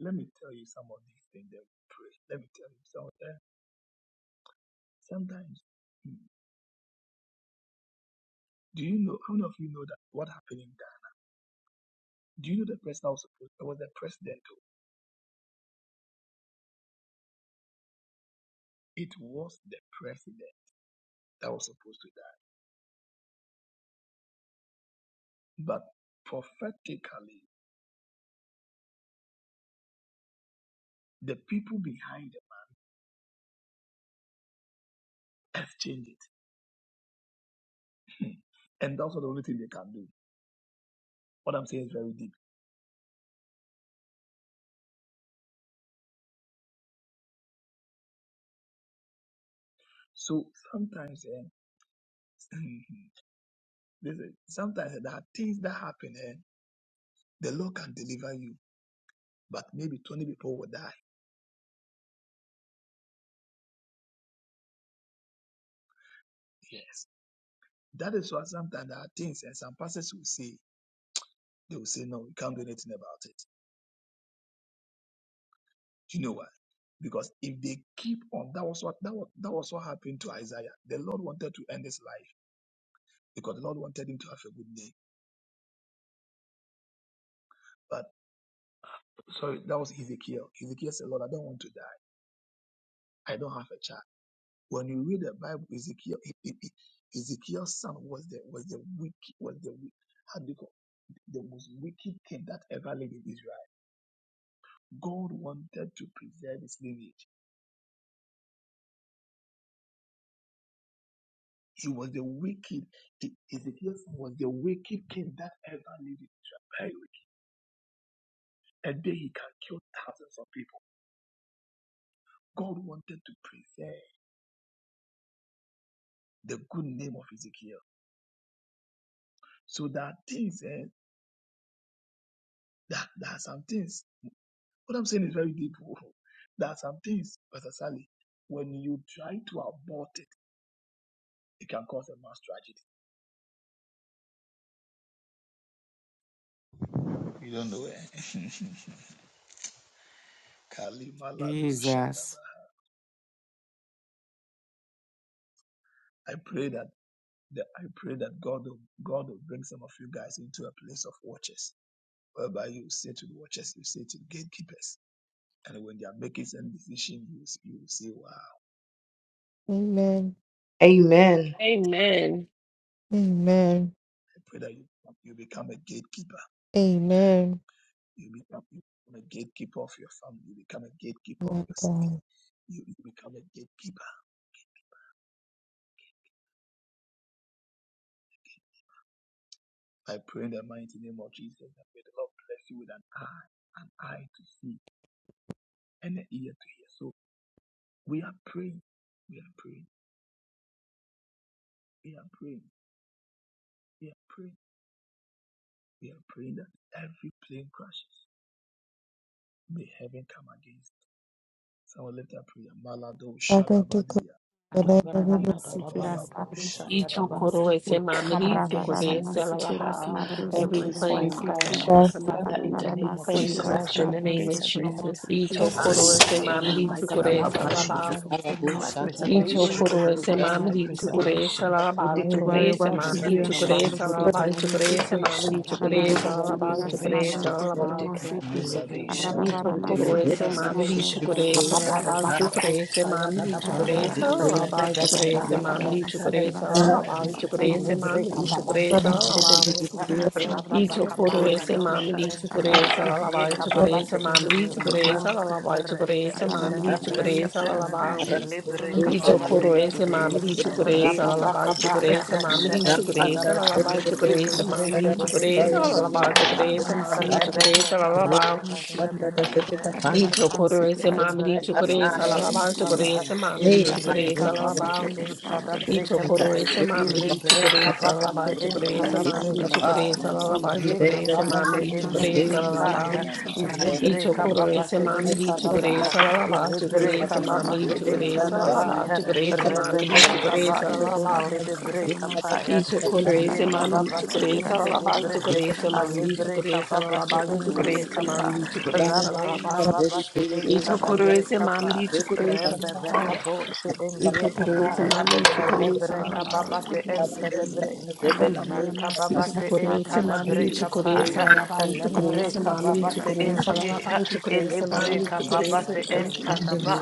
Let me tell you some of these things that we pray. Let me tell you some. of them. Sometimes, mm, do you know, how many of you know that what happened in that? Do you know the person that was supposed, it was the president. oh. It was the president that was supposed to die. But prophetically, the people behind have changed it. and that's not the only thing they can do. What I'm saying is very deep. So sometimes eh, listen, sometimes eh, there are things that happen and the Lord can deliver you, but maybe 20 people will die. Yes. That is why sometimes there are things and some pastors will say, they will say, no, we can't do anything about it. Do you know why? Because if they keep on, that was what that was, that was what happened to Isaiah. The Lord wanted to end his life because the Lord wanted him to have a good day. but. sorry, that was Ezekiel. Ezekiel said, Lord, I don't want to die. I don't have a child. When you read the Bible, Ezekiel, e- e- e- Ezekiel's son was the was the wicked was the wi- how do you call the most wicked king that ever lived in Israel. God wanted to preserve his lineage. He was the wicked. E- Ezekiel's son was the wicked king that ever lived in Israel. Very wicked. And then he can kill thousands of people. God wanted to preserve the good name of Ezekiel. So there are things eh, that there are some things What I'm saying is very deep. oh. There are some things, Pastor Sally, when you try to abort it, it can cause a mass tragedy. You don't know. eh? Kalima Ladu Jesus. Shadaba. I pray that that I pray that God will, God will bring some of you guys into a place of watchers, whereby you say to the watchers, you say to the gatekeepers, and when they are making some decision, you you will say, "Wow!" I Amen. Amen. pray that you you become a gatekeeper Amen. Amen. You become you become a gatekeeper of your family. You become a gatekeeper Amen. of your city. God. You, you become a gatekeeper. I pray in the mighty name of Jesus that may the Lord bless you with an eye, an eye to see, and an ear to hear. So we are praying. We are praying. We are praying. We are praying. We are praying that every plane crashes. May heaven come against. it. Someone lift up prayer. Malado Father, to come shalabadia. and I really Ikabalado shalabadi. Ichokoroese We come mamiri, against every sukorese attack lalaba. Every Every against my plane plane crash, home, we crash, bless come you. up Father. In every against the every name of plane Jesus, plane I deliver crash me in come the crash, Lord name from of against every every Jesus. attack evil. against every this Ichokoroese Deliver city me mamiri, Lord by plane the from every blood crash, sukorese of evil. Jesus. lalaba. We We declare come out of the preservation. every shadow of We the Ichokoroese Lord. declare plane mamiri, crash. sukorese preservation. We lalaba. declare May Where the Have Sukorese was she? mercy heaven mamiri, upon come preservation. me. sukorese against We Slabros it. to lalaba. the declare Sukorese mosiki preservation. mamiri, Have We Rababara mercy sukorese declare upon me. lalaba. Inunokuri Masikiras, preservation. Sukorese Mabros to sinamasi. We the lalaba. declare mosiki Allah the preservation. shadow Inunoai of Rababara We the de Lord. declare Itokorese Masikiras, miki preservation mamri Mabros elevation. potalai to the chukurese sineke. mosiki abal chukurese mamri And Ababarabakosayadadabaya, the Rababara chukurese Lord, the Every Lord, the Masiki, abal Lord, chukurese plane rebebekabaya Rababara crash. mamri dosha and chukurese the Lord, Masikiras, the entebebem, abal Lord. Mabros May to the chukurese heaven come mamri mosiki against Ever ilibrekababasi God, chukurese it. be with me. Rababara abal entebebrea, Masikiras, Mabros Ever Every be to the with me. rababakabaya Itokorese plane mosiki dosha crash. mamri entem, chukurese Rababara abal May Ever be Masikiras, chukurese iziekababasi heaven with me. Mabros mamri to come chukurese indiekapam, against it. abal rese chukurese mamri Inukuri chukurese the entebebrekapem, abal sinemasi. Amen. mosiki masiki ilibrekababasi Itokorese Inukuri indiem, mamri Hallelujah. chukurese sinemasi. Hallelujah. abal Hallelujah. rababakabaya chukurese dosha mamri Inukuri Rabba chukurese entebebem, abal masinenese. chukurese Thank mamri ilibrekababasi chukurese you. Glory abal to your indiekapam, chukurese name, mamri Jesus. chukurese rebebekabaya abal Thank you Panda, for your dosha Y protection. the chocoré se mami Thank di you Breka for your chocoré baba panda, she love. salalabán Allah chocoré entada, se the shadow mami Hey, of di the Lord. Allah the shadow of ili the Thank you chocoré for breka Lord. Karuna, your baba she salalabán. mercy. entada Y breka Thank Karuna, pe, you chocoré for se your mami ili di grace. chocoré breka baba she salalabán Allah chocoré se entada Inukuri Karuna, mami di breka Karuna, pa, chocoré sinemasi salalabán neneke. iye ka chocoré Vivenda, se baba mami Vinda, she di Illucurious Vinda, In endiye chocoré ka pa Inokures salalabán. Vinda, ya, ili namaki Kaya, Y te breka ipo chocoré baba se she mami Kaya, kanares di entada ba chocoré Vivenda, ha, nares. salalabán ili Vivenda, chocoré se breka Vivenda, mami baba di she the chocoré Inokures entada Vivenda, shadow ba nare salalabán ya, pai chocoré se Vivenda, rebe kanares mami di Para breka ki chocoré ba ipo she pasikiras salalabán. itai navras entede tanares. breka Vivenda, pa, atsaramos Kataya, įgyti. Vivenda, Para Ye Ichukurese mam Inonoai para Kababa se karai lichukurese pai pasikiras Inkede lalaba sinari navras Brehe, ichukurese mam kanares. atsaramos Alibre lichukurese I Kababa give se lalaba over my Indie ichukurese Glory secret, to mam Kapa, your my name, Dana, lichukurese Rabre Jesus. Vinda, lalaba Kababa Vinda, se Vinda, Inkada Glory Bre ichukurese to mam Kapa, your name, Vinda, lichukurese Rembe Jesus. lalaba Bekabo se Indie Rama ichukurese Kapaya, mam sinari ipo lichukurese Elebre lalaba Kababa itai se tere Vinda, Inkede sinari Bre, Vinda, kanares. Ye Kababa se of ichukurese Ama Inkada mam Bre the Lord. kanares lichukurese Kapaya, ni lalaba kari ipo Elembre ichukurese mam Kababa ikanai se lichukurese Indie, lalaba sinari. ha ichukurese mam elebreka Glory baba se lichukurese to entada ba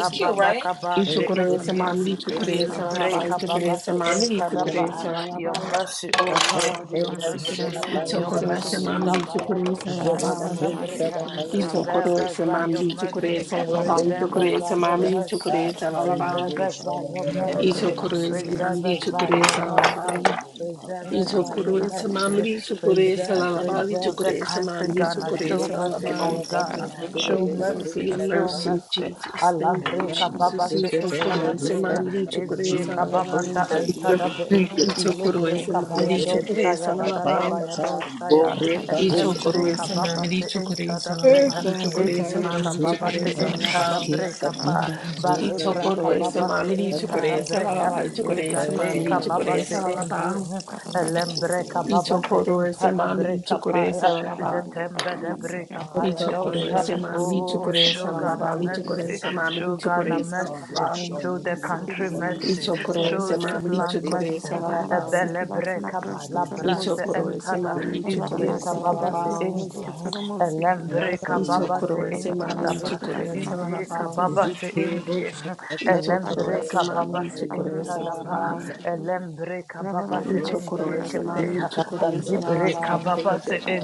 It's cute, right? kaba she Ichukurese indi mam lichukurese blessed lalaba elebreka to the baba ichukurese se mercy. mam entada ba lichukurese your your lalaba name, mercy O Jesus. Lord your mercy Vinda, Masikiras Thank your Glory, Vinda, Navros of you. ichukurese mercy mam Saramasiki, hallelujah. kabaya lichukurese dosha Kia lalaba Ravana entada Glory, breha Masikiras hallelujah. preserve Navros of us Itokorese by your mami Saramasiki, mercy Thank tokorese you for lalaba your preserve Ravana us by itokorese your mercy. mami Masikiras mercy tokorese Navros, Thank lalaba preserve you, us by Father. your Thank Ravana mercy you. itokorese Masikiras, preserve mami us Oh by tokorese your Lord, mercy oh lalaba Lord, how Preserve us Ravana by excellent your is itokorese thy mercy. Masikiras mami name tokorese Preserve, in lalaba all the preserve the earth. itokorese country, mami Ghana. Show tokorese mercy on lalaba Ghana. Show Thank you, Lord, for mercy, your show mercy, mercy. Jesus. Allah Thank you, breka Hallelujah, Jesus. babashe entada Itokorese brea. hallelujah, mami tokorese Ezeka babasha lalaba Thank you, antada hallelujah, ben. thank you. Ile Oh, itokorese thank breka you for mami bayado being a tokorese shaya da strong da da lalaba tower. bayado that shaya. The Glory. righteous Elem may run breka itokorese mami therein babashe tokorese entada and brea. lalaba be safe. itokorese Ezeka mami babashe tokorese entada lalaba Inonokurisi breka pa. I Bare ninakarisi. braka chokore babashe samamiri Thank chokore you, intarabre salalaba. I hallelujah, chokore for ese the izade samamiri secret kababa chokore se place. indi salalaba. elembre I kababa Inonokurisi. se chokore intarabre samamiri Thank you for chokore your kapaya shadow, salalaba. Lord, Brava, that zetembe de we may bre I abide kapaya under chokore dosha it. brava, mas samamiri que oh chokore das ese la sugar la na ba. mercy Inonokurisi sugar na ninakarisi. mercy Show the country I Inonokurisi mercy. chokore ninike. Show this samamiri land chokore mercy. salalaba. Negimasta Ebele breka ba nakarisi la I brase nakarisi. chokore entada. samamiri chokore Izieka baba se Inonokurisi salalaba. indi. namasi Elem that ninakarisi. breka I Rampam baba se chokore entada samamiri Bless ba. chokore ese la la Ije ba. kababa se Ezekiel inji. Father I Elembre chokore samamiri chokore salalaba. I chokore kababa samamiri se chokore intadaba. salalaba. Elembre kababa se I inji chokore kepe. nada samamiri chokore ese Lord, la la Ajibre every ba. kababa cartilage se of us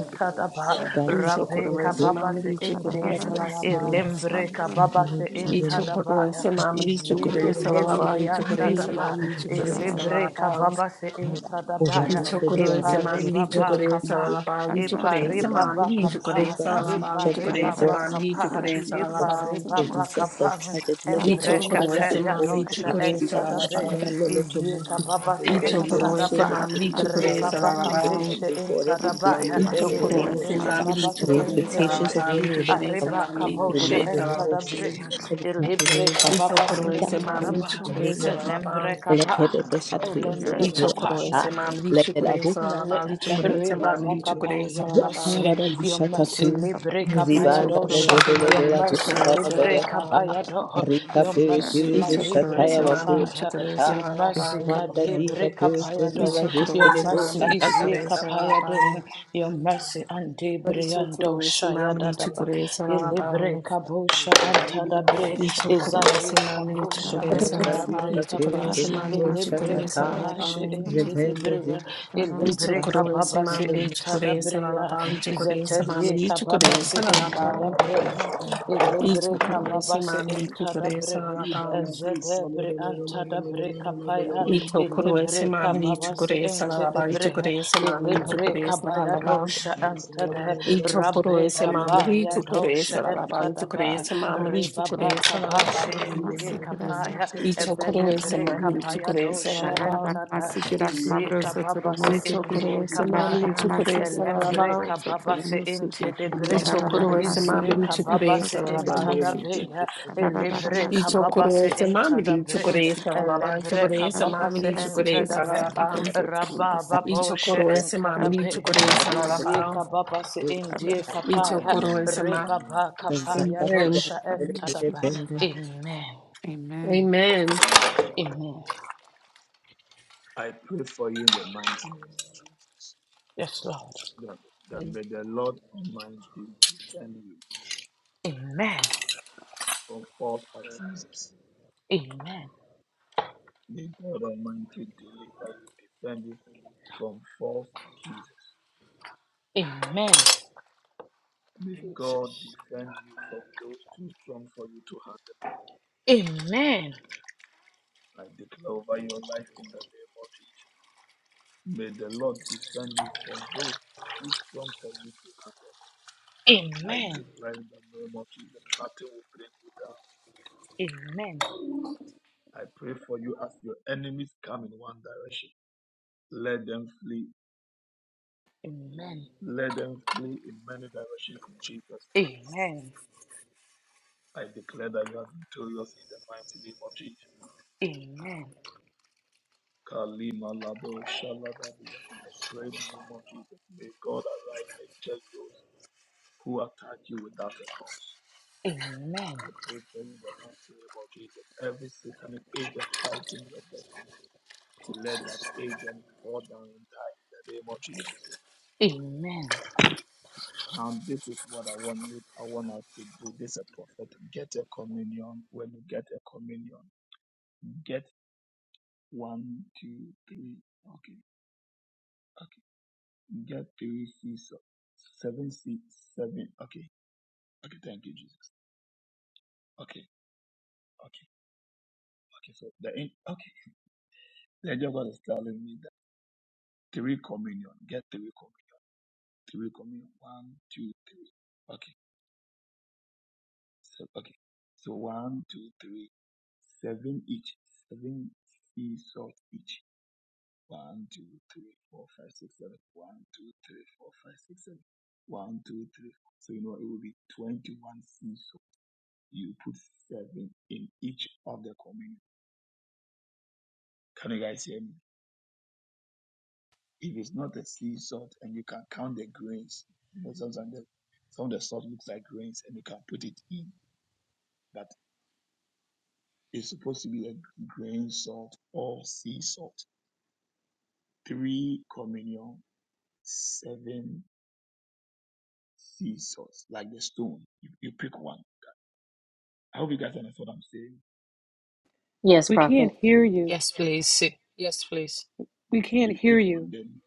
não se that has Rabe been Ichokorese kababa se mamri Father inji. chokorese Yes, lalabao. Elembre kababa Lord, se to your mercy, intadaba. Ichokorese mamri Jesus, to Ije your chokorese kepeli mercy, lalabao. Father Ichokorese Lord, biandadaba. to mamri your mercy, chokorese Elebre lalabao. kababa se God, over that, intadaba. over all, over all, over all, Ichokorese over all, epare mamri baba over chokorese kapa. lalabao. Thank your Ichokorese Ipare name, Baba mamri all, chokorese kapa, over Jesus. lalabao. all, ipare Ichokorese over all, baba mamri Jesus, kapa, chokorese disaster of ipare lalabao. Jesus, conflict, baba disaster kapa, of Jesus, tragedy, Ibabakapa, Iparibabakapa, Iparibabakapa, let it backfire, Embrekepe oh Ichokorese God, in Jesus, mamri the Yadosha name of chokorese Jesus. Jesus, Entadabe, lalabao. Father, Lord, let Jesus. your Izika mighty hand, baba se oh God, your se Jesus, Ichokorese children, ba. mamri protect their Jesus, riba chokorese right baka of be their lalabao. Ichokorese mamri chokorese lalabao. life, se oh Jesus. God, every entada play ba. of the devil in the name of Ichokorese Babasi Intadaba, Ribabakabeshe Intadabaya, Inonokordeis Ilibrika Jesus. And Babasu the expectations Untedebe, of the inamahasidikerdeis. enemy will never come to pass, mamri oh Aribakabosha Lord, in chokorese the name of lalabao. Jesus. Entadabre, Hallelujah, Let it backfire, Ilibrika Ito Babasi koro backfire, ese oh mam hallelujah. God, lichu Intadaba, in koro the name ese of Jesus. lalabang. Elembreka Ba, Let the Inonokordeis best to you, so that they Elembreka Ito inamahasinineke. koro are. ese mam Pa, Let lichu koro the ese Mele- lalabang. Lichu koro labo. ese Inonokordeis mam lichu koro ineis. Ribabakaba, ese Your mercy, lalabang. your mercy, Karabazishatate, Ito Zibanda koro Librekabayadosha, ese mam your Lazebelebela lichu Inonokordeis. mercy, koro Gushara ese Bayakata, lalabang. Librekabayado, Rika your I mercy, Perikiri Shataya Baku Malibrekapaya, Shatata, your mercy, Zibanda Lika Perikinda Kadebrekapayado, Ito koro your ese Lazikiri mam mercy, lichu Shatata koro ese Yakapa, Iziekapayade, lalabang. your mercy, and Ito Andebriando, koro ese mam lichu Shayadadaba, koro ese lalabang. Ito koro ese mam lichu koro ese lalabang. Ilibrekabusha, Rikinda Antadabre, Ito koro ese you. mam lichu Izadiekabusha, koro I have been ese blessed. In the Lebenda name Antadabre, lalabang. Rabaramasiki, Lika Ito koro of ese Jesus. mam Perikiri lichu koro Rabarabashikera ese Shatata, Kapa, she lalabang. ente the Zibenda Sambasamamasiki, brea, Zibanda ilibre Rabarabashiki, Itokorese kababa se Zibanda mamiri enta the chokorese la brea, lalabao itokorese zetedie mamiri kababa se itokorese enta the lalabao brea, ilibre itokorese kababa se mamiri Rabarabashiki, enta the chokorese la brea, lalabao zede bre anta da bre kapaya, itokorese ilibre mamiri kababa se itokorese ente the lalabao brea, itokorese mamiri ilibre itokorese kabaya lalabao dosha anta de, rabbe itokorese mamiri kabaya itokorese dosha enta lalabao da ba, itokorese mamiri Rabaramasiki, ribaba itokorese kababa se lalabao ente kapaya, ebede itokorese mamiri itokorese lalabao itokorese mamiri Rekapaya itokorese dosha lalabao entada Rabarabashiki, izi kababa se Rasmabrosotoromoshiki, indi itokorese mamiri kapaya Rabarabashiki, Rasmabrosotoromoshiki, Rabarabashiki, elembre kababa se inte de Rasmabrosotoromoshiki, breha izi Rabarabashiki, Rasmabrosotoromoshiki, kababa se chokorese la lalabao intada beha elebre Y Rabarabashiki, kababa se chocorese intada mamri, breha chocorese Rasmabrosotoromoshiki, alaban, elebre Amen. chocorese kababa se Amen. mamri, entada chocorese beha alaban. rababa Y bosha chocorese entada mamri, chocorese beha Shatata, izi alaban. kababa se indi Y kapaya Amen. chocorese ma. Amen. rebaba kapaya Amen. dosha entada beha Zakatu amen Amen. amen I pray for you in the mighty name of Jesus. yes lord that, that may the Lord Almighty defend you Amen. from false accusers. Amen. May God Almighty deliver you, defend you from false accusers. Amen. May God Jesus. defend you from those too strong for you to handle. Amen. I declare over your life in the name of Jesus. May the Lord defend you from those too strong for you to handle. I Amen. declare in the name of Jesus, nothing will bring you down. Amen. I pray for you as your enemies come in one direction. Let them flee Amen. Let them flee in many directions in Jesus' name. Amen. I declare that you are victorious in the mighty name of Jesus. Amen. Kalima Lado Shalabadiya. I pray in the name of Jesus. May God arise and check those who attack you without a cause. Amen. I pray for you in the mighty name of Jesus. Every satanic agent fighting your destiny, let that agent fall down and die in the name of Jesus. Amen. Now, this is what I want. you- I want us to do. This is a prophet. Get a communion. When you get a communion. Get one, two, three. Okay, okay. Get three C, so seven C, seven Okay, okay. Thank you, Jesus. Okay, okay, okay. So the in- okay. The angel of God is telling me that three communion. Get three communion. Three communion. One, two, three. Okay. So okay. So one, two, three. Seven each. Seven sea salt each. One, two, three, four, five, six, seven. One, two, three, four, five, six, seven. one, two, three, four. So you know it will be 21 seeds. So you put seven in each of the communion. Can you guys hear me? If it's not a sea salt and you can count the grains, you know, sometimes the, some of the salt looks like grains and you can put it in, but it's supposed to be a grain salt or sea salt. Three communion, seven sea salts, like the stone. You, you pick one I hope you guys understand what I'm saying. Yes, prophet. Yes, please. Yes, please. You pick one, then.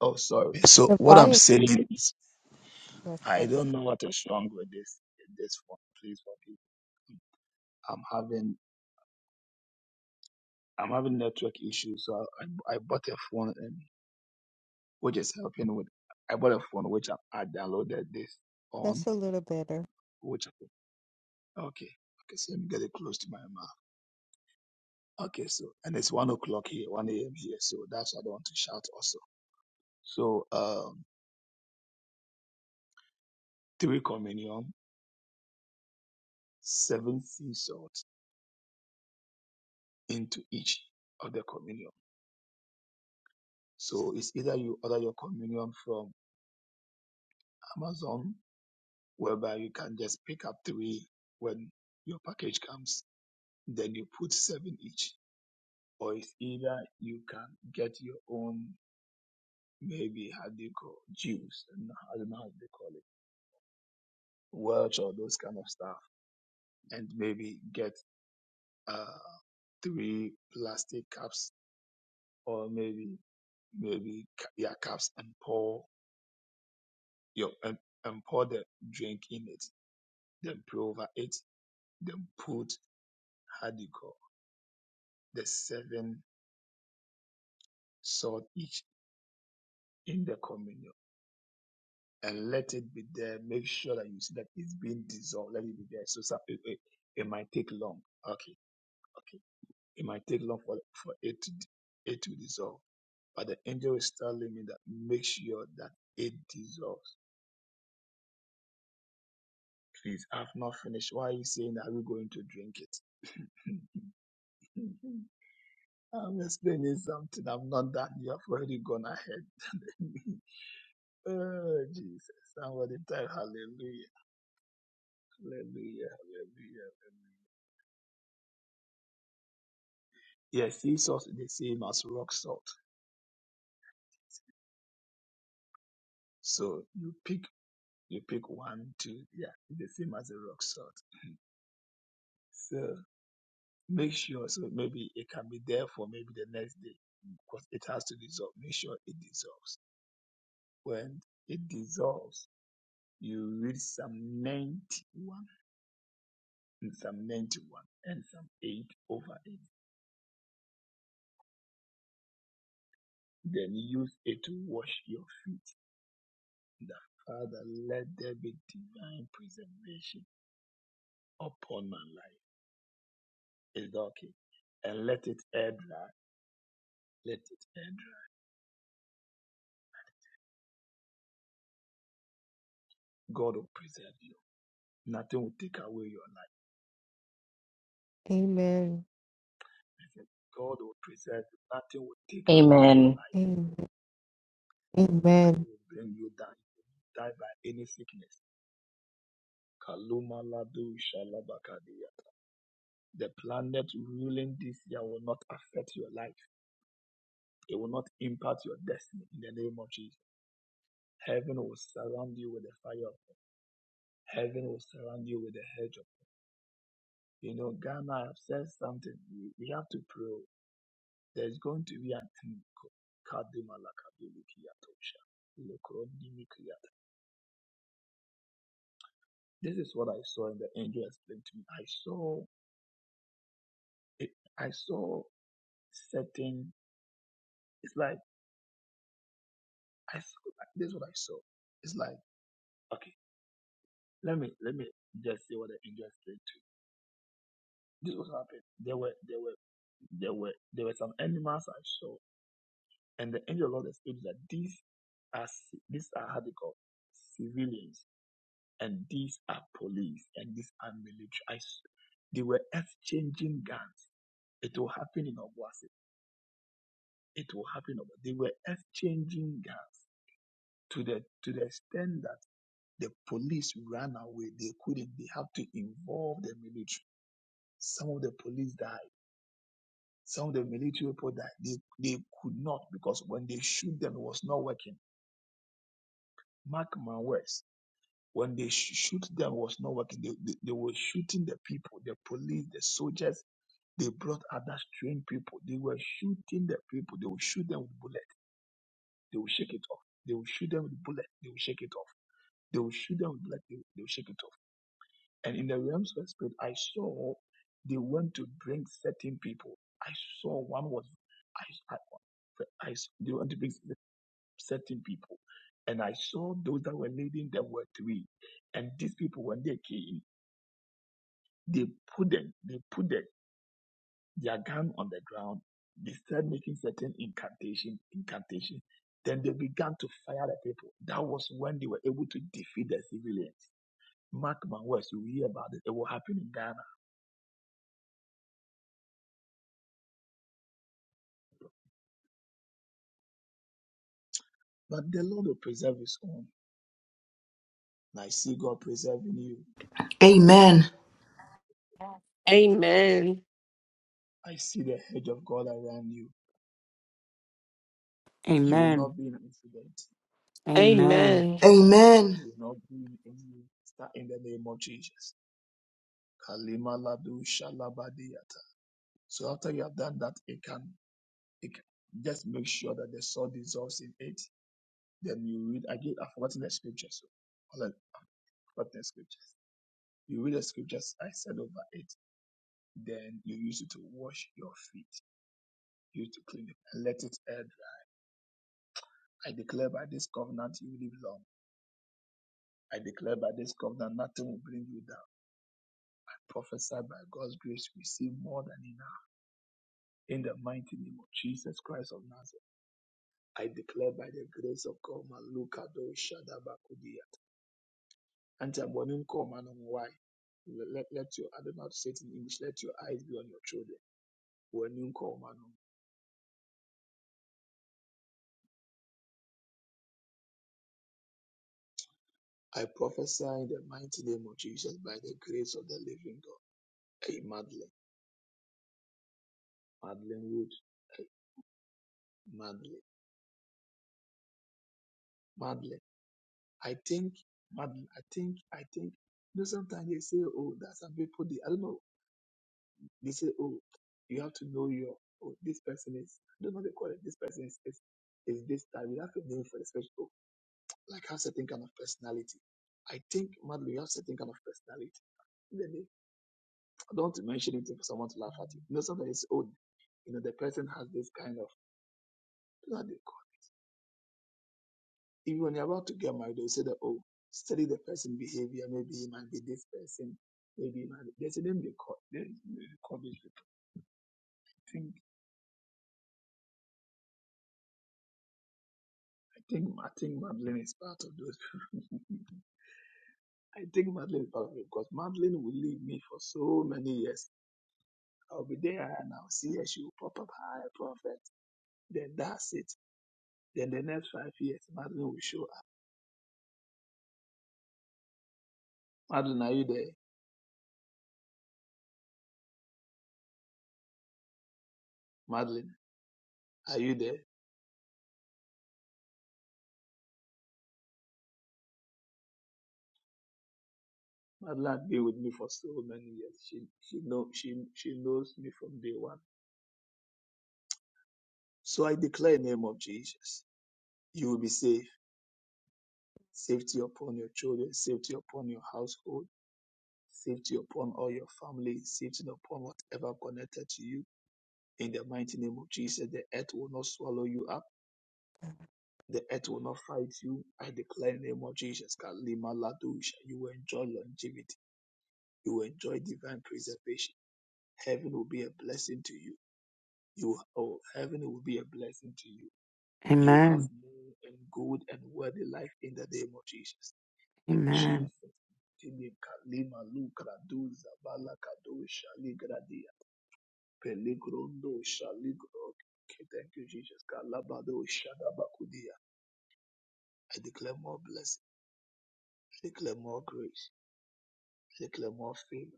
Oh, sorry. So The what I'm volume saying is, is I perfect. don't know what is wrong with this this phone. Please forgive me. I'm having I'm having network issues, so I I bought a phone and which is helping with. I bought a phone which I, I downloaded this That's on. a little better. Which okay, okay. So let me get it close to my mouth. Okay, so and it's one o'clock here, one a.m. here, so that's why I don't want to shout also. So um, three communion, seven sea salt. into each of the communion. So it's either you order your communion from Amazon, whereby you can just pick up three when your package comes, then you put seven each, or it's either you can get your own, maybe how do you call juice, and I don't know how they call it, Welch or those kind of stuff, and maybe get uh, three plastic cups or maybe maybe ca- yeah cups and pour your and, and pour the drink in it Then The over it. Then put hardcore. The seven salt each in the communion. And let it be there. Make sure that you see that it's being dissolved. Let it be there. So, so it, it, it might take long. Okay, okay. It might take long for, for it to it to dissolve. But the angel is telling me that make sure that it dissolves. Please, I've not finished. Why are you saying that we're going to drink it? I'm explaining something. I'm not done. You have already gone ahead. Oh, Jesus. Somebody type hallelujah. Hallelujah. Hallelujah. Hallelujah. Yes, Jesus is the same as rock salt. So you pick you pick one, two, yeah, it's the same as a rock salt. So make sure so maybe it can be there for maybe the next day because it has to dissolve. Make sure it dissolves. When it dissolves, you read Psalm 91 and Psalm 91 and Psalm 8 over it. Then use it to wash your feet that Father, let there be divine preservation upon my life. It's okay. And let it air dry. Let it air dry. God will preserve you. Nothing will take away your life. Amen. God will preserve you. Nothing will take away your Amen. life. Amen. It Amen. will bring you down. You will Die by any sickness. Kaluma ladu shalabakadiyata. The planet ruling this year will not affect your life. It will not impact your destiny in the name of Jesus. Heaven will surround you with the fire of Heaven will surround you with a hedge. of- You know, Ghana, I've said something. We, we have to pray. There's going to be an end. Kadumalakadulukiyatosha, This is what I saw, and the angel explained to me. I saw it. I saw certain. It's like I saw. This is what I saw. It's like okay. Let me let me just say what the angel explained to me. This was happened. There were there were there were there were some animals I saw And the angel of the Lord explains that these are ci- these are how they call civilians, and these are police, and these are military. I s- They were exchanging guns. It will happen in Obuasi. It will happen. in Obuasi. They were exchanging guns to the to the extent that the police ran away. They couldn't. They have to involve the military. Some of the police died. Some of the military people died. They, they could not because when they shoot them, it was not working. Mark my words When they sh- shoot them was not working, they, they, they were shooting the people, the police, the soldiers. They brought other strange people. They were shooting the people. They will shoot them with bullet. They will shake it off. They will shoot them with bullet. They will shake it off. They will shoot them with bullet. They will, they will shake it off. And in the realms of the spirit, I saw they went to bring certain people. I saw one was, I, I, I s- they want to bring certain people. And I saw those that were leading them were three. And these people, when they came, They put them, they put the, their gun on the ground. They started making certain incantation, incantation. Then they began to fire the people. That was when they were able to defeat the civilians. Mark my words, you will hear about it. It will happen in Ghana. But the Lord will preserve his own. I see God preserving you. Amen. Amen. I see the hedge of God around you. You will Amen. not be in an incident. Amen. Amen. Amen. Amen. You will not be in any start in the name of Jesus. Kalima Ladu Shalabadiyata. So after you have done that, you can It, can- just make sure that the salt dissolves in it. Then you read again. I've forgotten the scriptures. So hold on, I've forgotten the scriptures. You read the scriptures I said over it. Then you use it to wash your feet. Use it to clean it and let it air. dry. I declare by this covenant you live long. I declare by this covenant nothing will bring you down. I prophesy by God's grace you receive more than enough. In the mighty name of Jesus Christ of Nazareth, I declare by the grace of God, Maluka do Until morning come, and why? Let, let let your, I don't know how to say it in English, let your eyes be on your children. Morning come, and I prophesy in the mighty name of Jesus by the grace of the living God. Hey, Madeline, Madeline Wood, hey, Madeline, Madeline. I think, Madeline, I think, I think. You know, sometimes they say, oh, that some people, they, I don't know, they say, oh, you have to know your, oh, this person is, I don't know what they call it, this person is, is, is this type. You have a name for the special. like have certain kind of personality. I think Madlu, you have certain kind of personality. Then they, I don't want to mention it for someone to laugh at you. You know, something is old. You know, the person has this kind of you know, they call- it? even when you're about to get married, they'll say that oh, study the person behavior, maybe he might be this person, maybe he might be there's a name they call they, they call these people. I think I think I think Madeline is part of those people. I think Madeline is part of it because Madeline will leave me for so many years. I'll be there and I'll see her. She will pop up, hi, prophet. Then that's it. Then the next five years, Madeline will show up. Madeline, are you there? Madeline, are you there? Madeline had been with me for so many years. She she know she she knows me from day one. So I declare in the name of Jesus, you will be safe. Safety upon your children, safety upon your household, safety upon all your family, safety upon whatever connected to you. In the mighty name of Jesus, the earth will not swallow you up The earth will not fight you. I declare in the name of Jesus. Kalima Ladusha. You will enjoy longevity. You will enjoy divine preservation. Heaven will be a blessing to you. You oh, heaven will be a blessing to you. You have Amen. more and good and worthy life in the name of Jesus. In Jesus' name, Kalima Lukraduza Balakadusha Ligradia. Peligrondo Shaligro. Okay, thank you, Jesus. Kalabado Shadabakudia. I declare more blessing. I declare more grace. I declare more favor.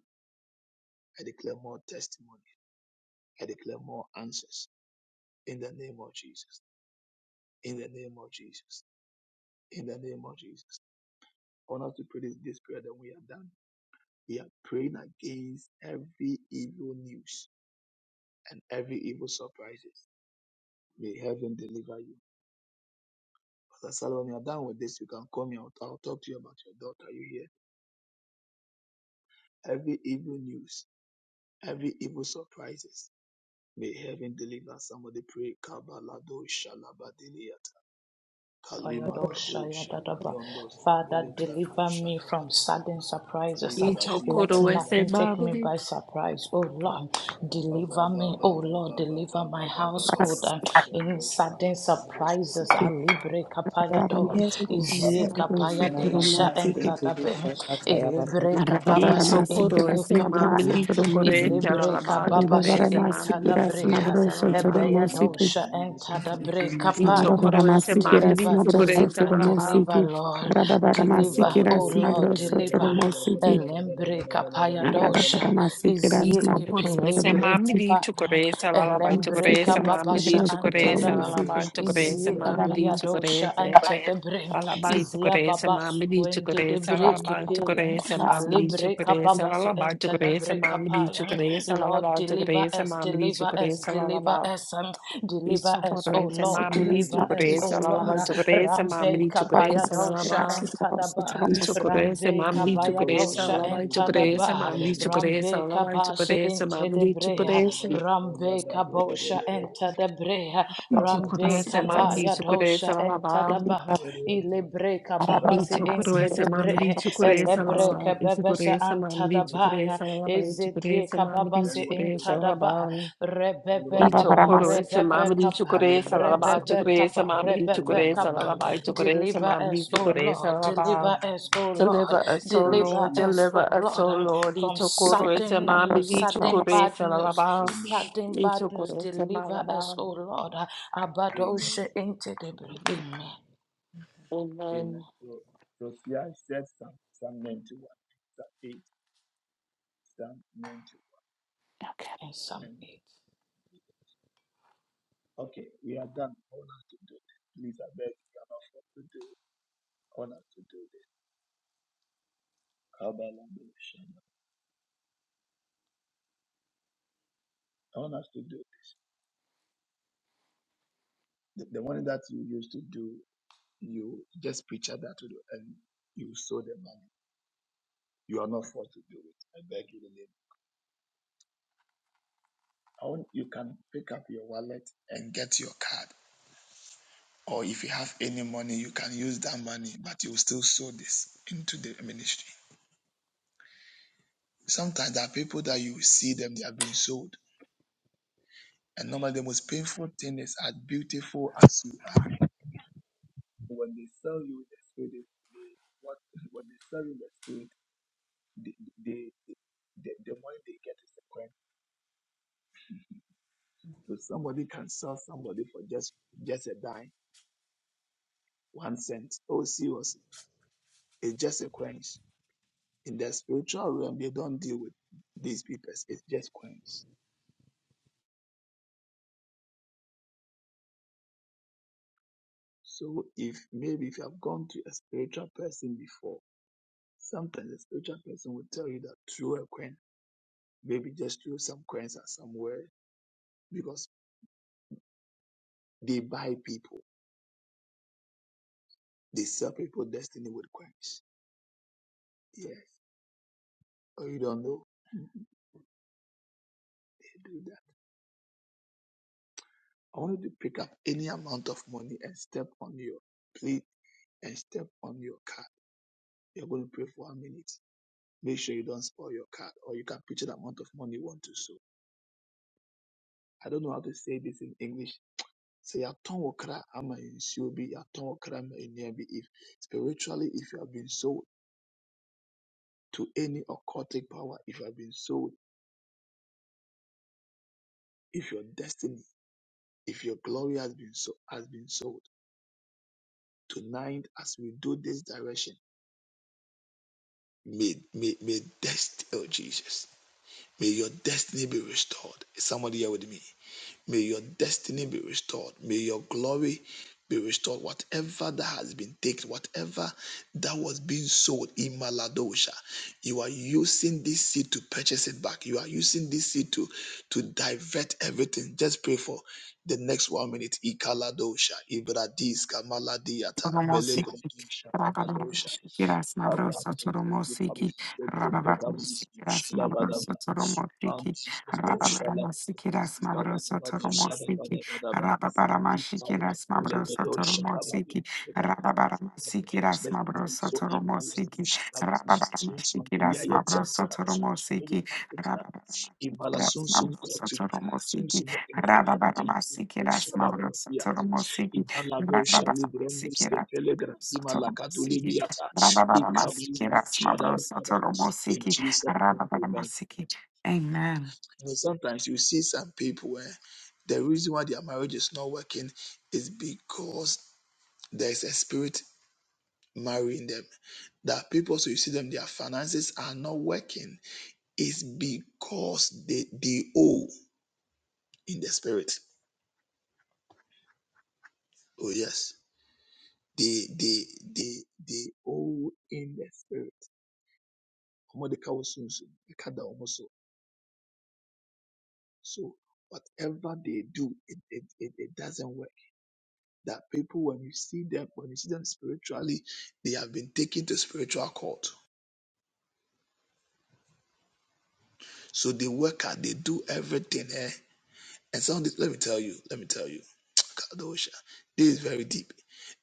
I declare more testimony. I declare more answers in the name of Jesus. In the name of Jesus. In the name of Jesus. I want us to pray this, this prayer that we are done. We are praying against every evil news and every evil surprises. May heaven deliver you. Pastor Solomon, you are done with this. You can call me. I'll, I'll talk to you about your daughter. You hear? Every evil news, every evil surprises. May heaven deliver somebody. Pray. Kabalado shalabadilia Kalima lado shali brondos ke pele Father, grado deliver me shada from badaba sudden kali surprises. Y gradi Let daba chocorese nothing lado take me shada mamri. by surprise. Oh Lord, baba deliver me. baba baba Oh Lord, baba deliver my baba baba household. baba uh, le Any brondo shala sudden brondos ke surprises. pele gradi Alibre kapayado. bala do shala Izie baba kapaya ke pele Nababa deisha grado shete shala entadabe. baba bishakata yababa Ilibre deliver Y kababa me shakata. se from evil indie chocorese surprise, kapaya. mamri, chocorese Ilibre alaban, deliver me kababa from se chocorese evil mamri, surprise, entadabre. chocorese Ebe alaban. deliver us Beyadosha from evil entada surprise, Y brekapaya. chocorese deliver me Rabarabaramasikiras mamri, Deliver, from evil chocorese deliver, surprise. alaban. deliver, Nabrosotoromosikik. Lord. Baba Deliver, baba oh Rabarabaramasikiras shala Lord, baba deliver. baba baba baba Nabrosotoromosikik. baba baba Elembre baba kapaya baba baba baba dosha. Rabarabaramasikiras Ito Izieke puro pele ese mami di Nabrosotoromosikik. brekapaya. chukurese la la bai Elembre chukurese Rabarabaramasikiras mami kababasha di Shabbat chukurese la antadaba. la bai Nabrosotoromosikik. chukurese Izike mami di dosha chukurese ante the brain. la la bai Izia chukurese babas mami di when did the chukurese la la break bai appear? chukurese mami Ali di break a chukurese la Rabarabaramasikiras babasu la bai enter the chukurese break mami di apaya. chukurese la la Lord, bai deliver chukurese us, mami di deliver us, chukurese la la deliver bai us, um, deliver Isso us, oh correza, Lord, mamili tu deliver us, oh correza, la Lord. lava tu correza, Rambe mamili tu kapaya correza, la dosha lava. enter the Isso bar. correza, Rambe mamili tu kabaya correza, dosha la lava tu correza, entadaba. mamili tu correza, la Rambe lava tu kabashi correza, mamili tu intedebrea. correza. Rambe kabosha entadebrea. Isso Rambe correza, mamili kabaya tu correza, dosha la lava. entadaba. Ilebre kababasi Isso correza, mamili intedebre. tu correza, la Elebre lava. Isso kababasa correza, mamili tu antadabaya. correza, la lava tu Ezedie correza, mamili kababasi tu correza, la intadaba. lava. Rabba Rebecca Ito Rabba ba, corres, mama Rebecca di ba, chocores, alaba Rebecca chocores, ba, mama di chocores, Rebecca ba. alaba chocores, Deliver mama di us, O chocores, Lord, alaba. deliver us, O Lord, Deliver us, O in deliver Lord, us, Jesus' O deliver us, Lord, name, O um, Lord. from Ito corres, sudden mama news, di sudden bad chocores, news, alaba. amen. sudden bad Ito news. corres, Deliver us, malaba. O Lord. uh, Amen. Abadoshe into the Amen. Amen. Amen. So, so here I said Psalm, Psalm 91, Psalm 8, Psalm 91. And some eight. Okay, we are done. I want us to do this. Please, I beg you, I'm not forced to do it. I want us to do this. Kabalabashana. I want us to do this. The, the one that you used to do, you just picture that to do and you sow the money. You are not forced to do it. I beg you the name. I want, you can pick up your wallet and get your card or if you have any money, you can use that money, but you will still sow this into the ministry. Sometimes there are people that you see them, they are being sold. And normally the most painful thing is as beautiful as you are. When they sell you in the spirit, they, what, when they sell you in the spirit, they, they, they, the, the money they get is a coin. So somebody can sell somebody for just, just a dime, one cent. Oh, seriously, it's just a coin. In the spiritual realm, they don't deal with these people. It's just coins. So if maybe if you have gone to a spiritual person before, sometimes a spiritual person will tell you that throw a coin, maybe just throw some coins at somewhere because they buy people, they sell people destiny with coins. Yes. Oh, you don't know? They do that. I want you to pick up any amount of money and step on your plate and step on your card. You're going to pray for a minute. Make sure you don't spoil your card or you can picture the amount of money you want to sow. I don't know how to say this in English sɛ yɛatɔn wo kra ama nsuo bi yɛatɔn wo kra ama nnua bi if spiritually if you have been sold to any occultic power if you have been sold if your destiny if your glory has been so has been sold tonight as we do this direction may may may destiny oh jesus may your destiny be restored is somebody here with me May your destiny be restored. May your glory be restored. Whatever that has been taken, whatever that was being sold in Maladosha, you are using this seed to purchase it back. You are using this seed to, to divert everything. Just pray for the next one minute. Ikaladosha, Ibradiska, Maladiata, Melekudosha, Abba, Ibala sun sun kotubia, sun Rasmabrosotoromosigni, sun ekabia, Rababaramasiki, ibala shalabrabia, Rasmabrosotoromosigni, ibala bosha librendus Rababaramasiki, ke pelegra, ibala Rasmabrosotoromosigni, katulibiata, ikabu Rababaramasiki, shadabraba. In Rasmabrosotoromosigni, Jesus' name, amen. Rababaramasiki. Amen. You know, sometimes you see some people where the reason why their marriage is not working is because there's a spirit marrying them. That people, so you see them, their finances are not working. It's because they, they owe in the spirit Oh yes. They they they they all in the spirit. Omo de ka wo so nso, de ka da omo so. So whatever they do, it, it, it, it doesn't work. That people when you see them, when you see them spiritually, they have been taken to spiritual court. So they work out, they do everything, eh? And some of this, let me tell you, let me tell you. Kadosha. This is very deep.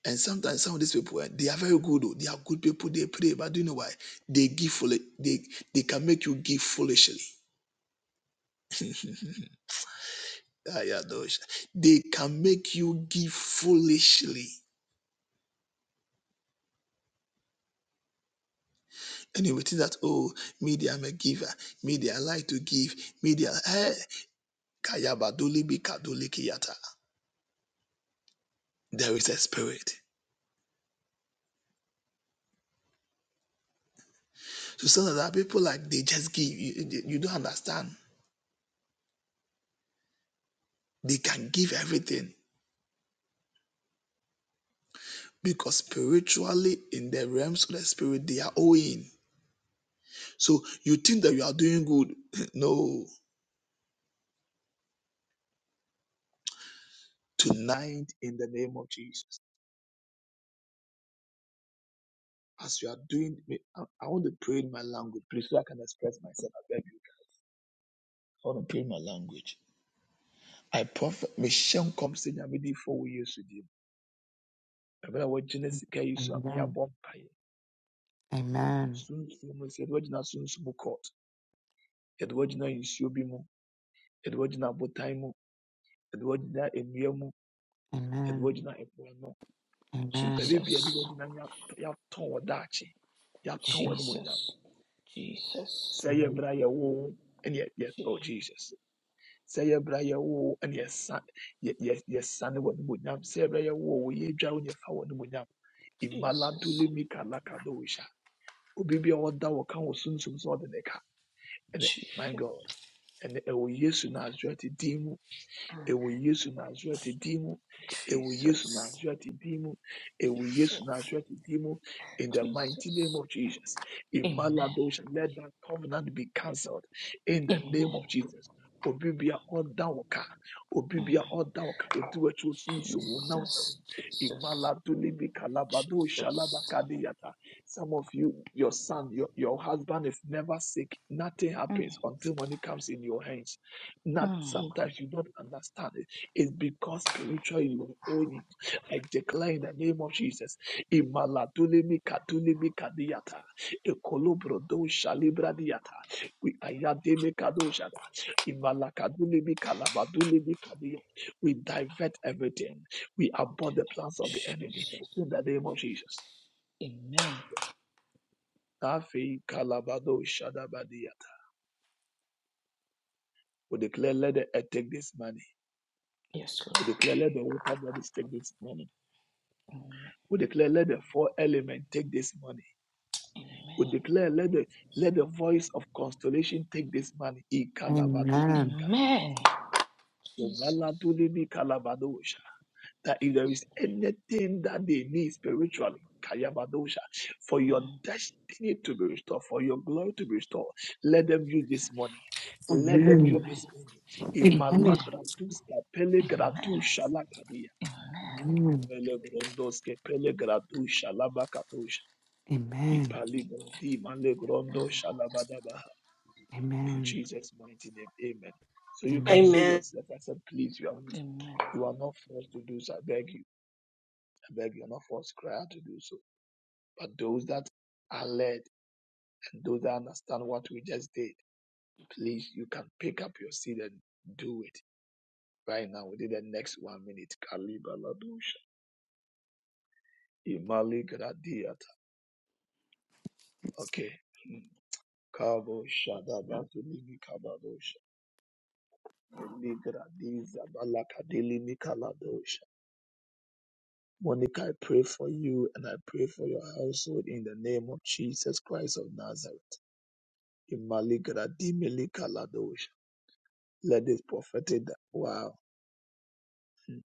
And sometimes some of these people, eh, they are very good. oh, They are good people. They pray, but do you know why? They give fully. They they can make you give foolishly. Ayadosha. they can make you give foolishly. And you will think that oh, media I'm a giver. Media I like to give. Media eh. kayabadoli bi kadoli kiyata. There is a spirit. So some of that people like they just give. You, you you don't understand. They can give everything because spiritually in the realms of the spirit they are owing so you think that you are doing good no tonight in the name of jesus as you are doing i, I want to pray in my language please so i can express myself i beg you i want to pray in my language i prophet michelle comes in i'm ready for four years with you ɛberɛ a wɔagyina sika yi so a Amen. yɛabɔ mpaeɛ Amen. sunsum mu sɛ yɛde soon, soon, court Edward, yɛde wɔagyina nsuo bi mu yɛde wɔagyina abotan mu yɛde wɔagyina nnua mu yɛde Amen. wɔagyina ɛpo ano baabi Amen. biara bi Jesus, wɔde nam yɛatɔn wɔ daakye yɛatɔn wɔ Amen. animonyam Jesus, Jesus, sɛ ɛyɛ berɛ a yɛwo wo ne yɛ yɛ oh Je- jesus sɛ ɛyɛ berɛ a yɛwo wo ne yɛsa yɛ- yɛ- yɛsane wɔ animonyam sɛ ɛyɛ berɛ a yɛwo wo yɛadwa wo ne yɛfa wɔ animonyam Jesus, imaladule mikalakadowisha obi bi a ɔda wo ka wɔ sunsum sɛ ɔde ne ka ɛnɛ my Jesus, god ɛnɛ ɛwɔ yesu nasareti din mu Ewe Yesu Nazareti dimu. Ewe Yesu Jesus. Nazareti dimu. Ewe Yesu Nazareti dimu. In the mighty name Jesus. of Jesus. Amen. Imaladosha. Let that covenant be cancelled. In the name Amen. of Jesus. Obibia ọdawọka obibia ọdawọka otiwetu osunsun wọnawọsamu Jesus. Jesus. imaladolibi kalabado Jesus. shalabakadiyata some of you your son your, your husband is never sick nothing happens until money comes in your hands not sometimes you don't understand it. It's because spiritual you own it. I declare in the name of Jesus. Imaladulimi kadulimi kadiyata. Ekolobrodo shalibradiata. We ayademe kadoshada. Imalakadulimi kalabadulimi kadiya. We divert everything. We In the abort the name plans of of the enemy Jesus. in the name of Jesus. Amen. Tafi kalabado shadabadiyata. We declare let the earth take this money. Yes, We Lord. declare let the water bodies take this money. We declare, let the four element take this money. We declare, let the let the voice of constellation take this money. Amen. Amen. Amen. Ikalabadulibikaduya, Amen. Jesus. omaladulibikalabadoosha. That if there Jesus. is anything that they need spiritually, kayabadosha, for your destiny to be restored, for your glory to be restored, let them use this money. Let them use Amen. this money. Amen. Imalibraduscapelegradushalacadia, melebrondoskepelegradushalabacatusha. Ipalido, di malegrondo, shalabadabaha. In Jesus' mighty name, amen. So you can sow Amen. yourself. I said, please, you are, Amen. you are not forced to do so. I beg you. I beg you. You're not forced, cry out to do so. But those that are led and those that understand what we just did, please, you can pick up your seed and do it right now within the next one minute. Kalibaladusha. Imali gradiata. Okay. Hmm. Kabo shadabatu limi kabadosha. Monica, I pray for you and I pray for your household in the name of Jesus Christ of Nazareth. Imaligradimili kaladosha. Let this prophetic wow. Hmm.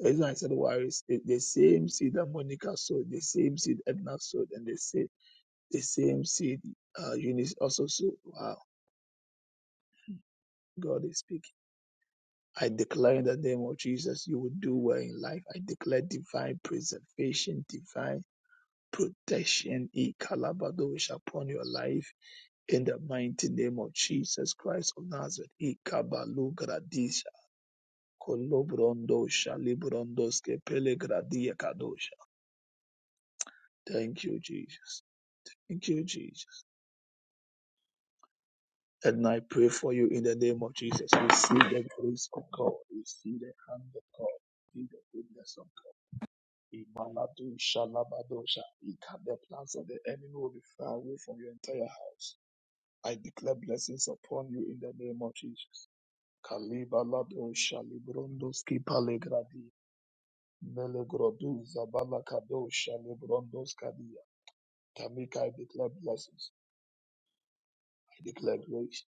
The reason I said wow is it- the same seed that Monica sowed, the same seed Edna sowed, and the same the same seed uh, Eunice also sowed. Wow, God is speaking. I declare in the name of Jesus, you will do well in life. I declare divine preservation, divine protection in Kalabadosh upon your life in the mighty name of Jesus Christ of Nazareth. Ikabalu gradisha kolobrondo shalibrondoskepe pelegradia kadosha. Thank you, Jesus. Thank you, Jesus. And I pray for you in the name of Jesus. Receive the grace of God. Receive the hand of God. Receive the goodness of God. Imaladu shalabadosha. Ika- The plans of the enemy will be far away from your entire house. I declare blessings upon you in the name of Jesus. Kaliba lado shalibrondos ki palegradi. Melegrodu zabala kado shalibrondos kadia. Tamika, I declare blessings. I declare grace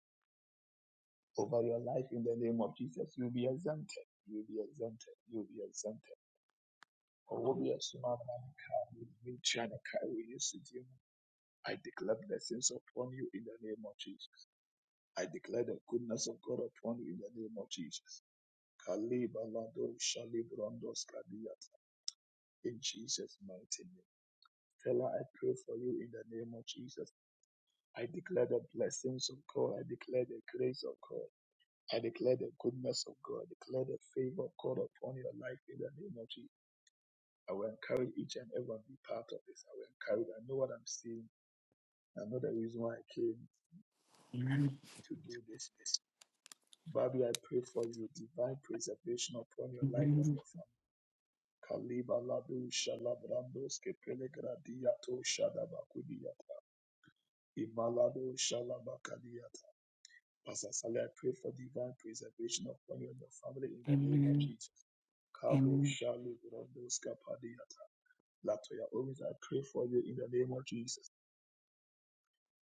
over your life in the name of Jesus. You'll be exempted. You'll be exempted. You'll be exempted. Orobi asuma Owobia sumama kawi, michana kawi, yesudimu. I declare blessings upon you in the name of Jesus. I declare the goodness of God upon you in the name of Jesus. Kalibalado Shalibrondos Kadiat in Jesus' mighty name. Fella, I pray for you in the name of Jesus. I declare the blessings of God. I declare the grace of God. I declare the goodness of God. I declare the favor of God upon your life in the name of Jesus. I will encourage each and everyone to be part of this. I will encourage. I know what I'm seeing. I know the reason why I came Amen. to do this. Bobby, I pray for you divine preservation upon your life and Amen. your family. Kaliba ladu shalabrandos ke pelegradiato shadabakudiata. Imalado shalabakadiata. Pastor Sally, I pray for divine preservation upon you and your family in Amen. the name of Amen. Jesus. Kabo Amen. shalibrandos kapadiata. Latoya, always I pray for you in the name of Jesus.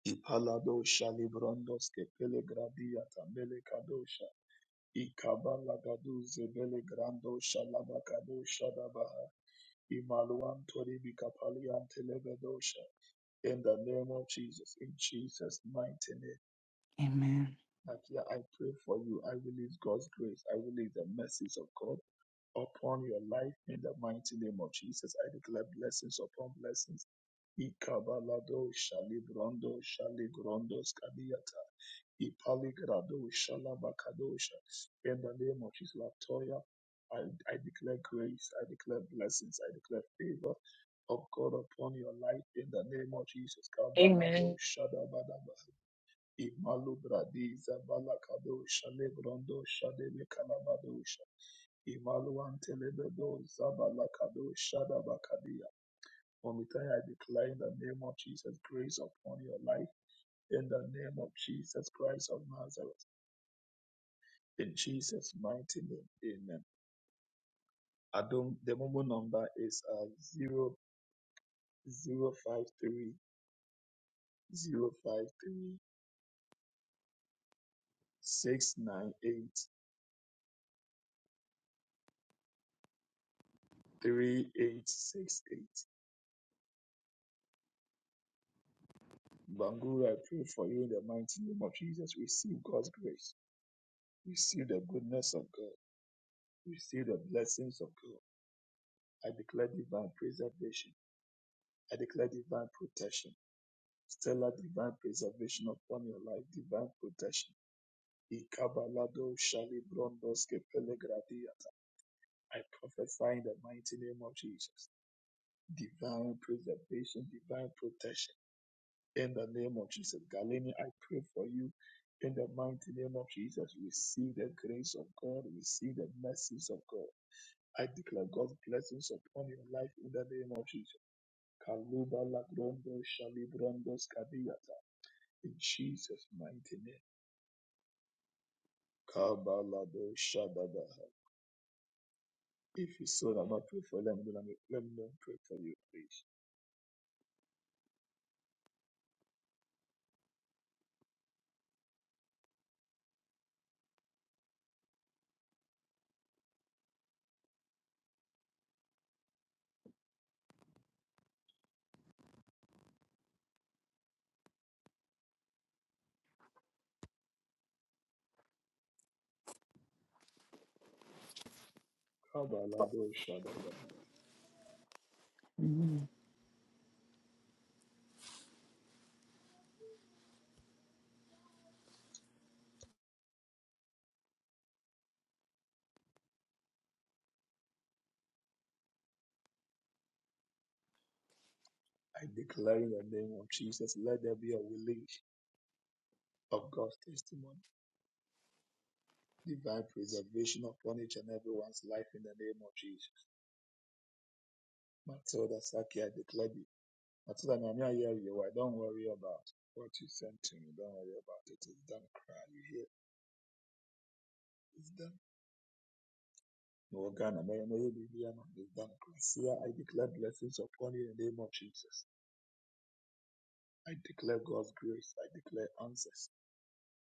Ipalado shalibrandos ke pelegradiata melekadosha. Ikabalagadu zebelegrando shalabakado shadabaha. Imaluan tori bikapalian telebedosha. In the name of Jesus, in Jesus' mighty name, Amen. Nakia, I pray for you. I release God's grace. I release the mercies of God upon your life in the mighty name of Jesus. I declare blessings upon blessings. Ikabalado, Shalibrando, Shaligrondo, Ipaligrado shalabakadosha. In the name of Jesus, Latoya, I, I declare grace, I declare blessings, I declare favor of God upon your life in the name of Jesus. Kabalado Amen. shadabadaba. Imalubradi zabalakado shalebrando shadelekalabadosha. Imaluantelebedo zabalakado shadabakadia. Omitai, I declare in the name of Jesus grace upon your life in the name of Jesus Christ of Nazareth in Jesus' mighty name. Amen. Adom, the mobile number is uh, 0 zero five three zero five three six nine eight three eight six eight. Bangura, I pray for you in the mighty name of Jesus. Receive God's grace. Receive the goodness of God. Receive the blessings of God. I declare divine preservation. I declare divine protection. Stellar divine preservation upon your life. Divine protection Ikabalado shalibrondoske pelegradiata. I prophesy in the mighty name of Jesus. Divine preservation, divine protection. In the name of Jesus. Galeni, I pray for you. In the mighty name of Jesus, receive the grace of God, receive the mercies of God. I declare God's blessings upon your life in the name of Jesus. Kaluba lagrondo shalibrondos kadiata. In Jesus' mighty name. Kabalado shadada. If you so that not pray for them, then I'm- like, let me not pray for you, please. Kabalado Shadabaha. Mhm. I declare in the name of Jesus, let there be a release of God's testimony, divine preservation upon each and everyone's life in the name of Jesus. Matilda Saki, I declare you. Matilda, Mami, I hear you. I don't worry about what you sent to me. Don't worry about it. It's done. Cry. You hear? It's done. Morgana, Mary, Mary, Bibiana, it's done. Cry. See, I declare blessings upon you in the name of Jesus. I declare God's grace. I declare answers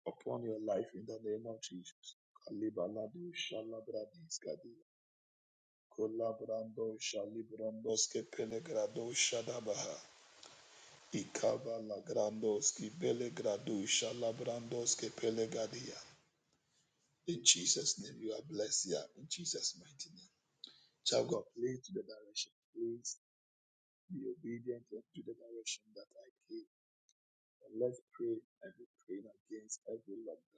upon your life in the name of Jesus. Kalibalado shalabradiskadi. Kolabrando shalibrandoske pelegrado shadabaha. Ikaba lagrandoski belegrado shalabrandoske pelegadia. In Jesus' name, you are blessed here. In Jesus' mighty name. Child God, please to the direction. Please be obedient to the direction that I give, And let's pray and be praying against every lockdown.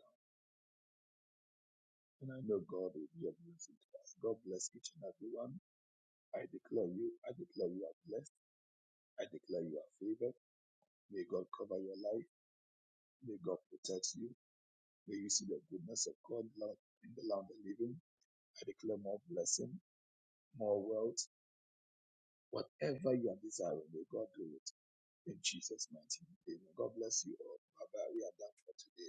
And I know God will be a blessing to us. God bless each and every one. I declare you, I declare you are blessed. I declare you are favored. May God cover your life. May God protect you. May you see the goodness of God Lord, in the land of living. I declare more blessing, more wealth. Whatever you are desiring, may God do it in Jesus' mighty name. God bless you all. Bye bye. We are done for today.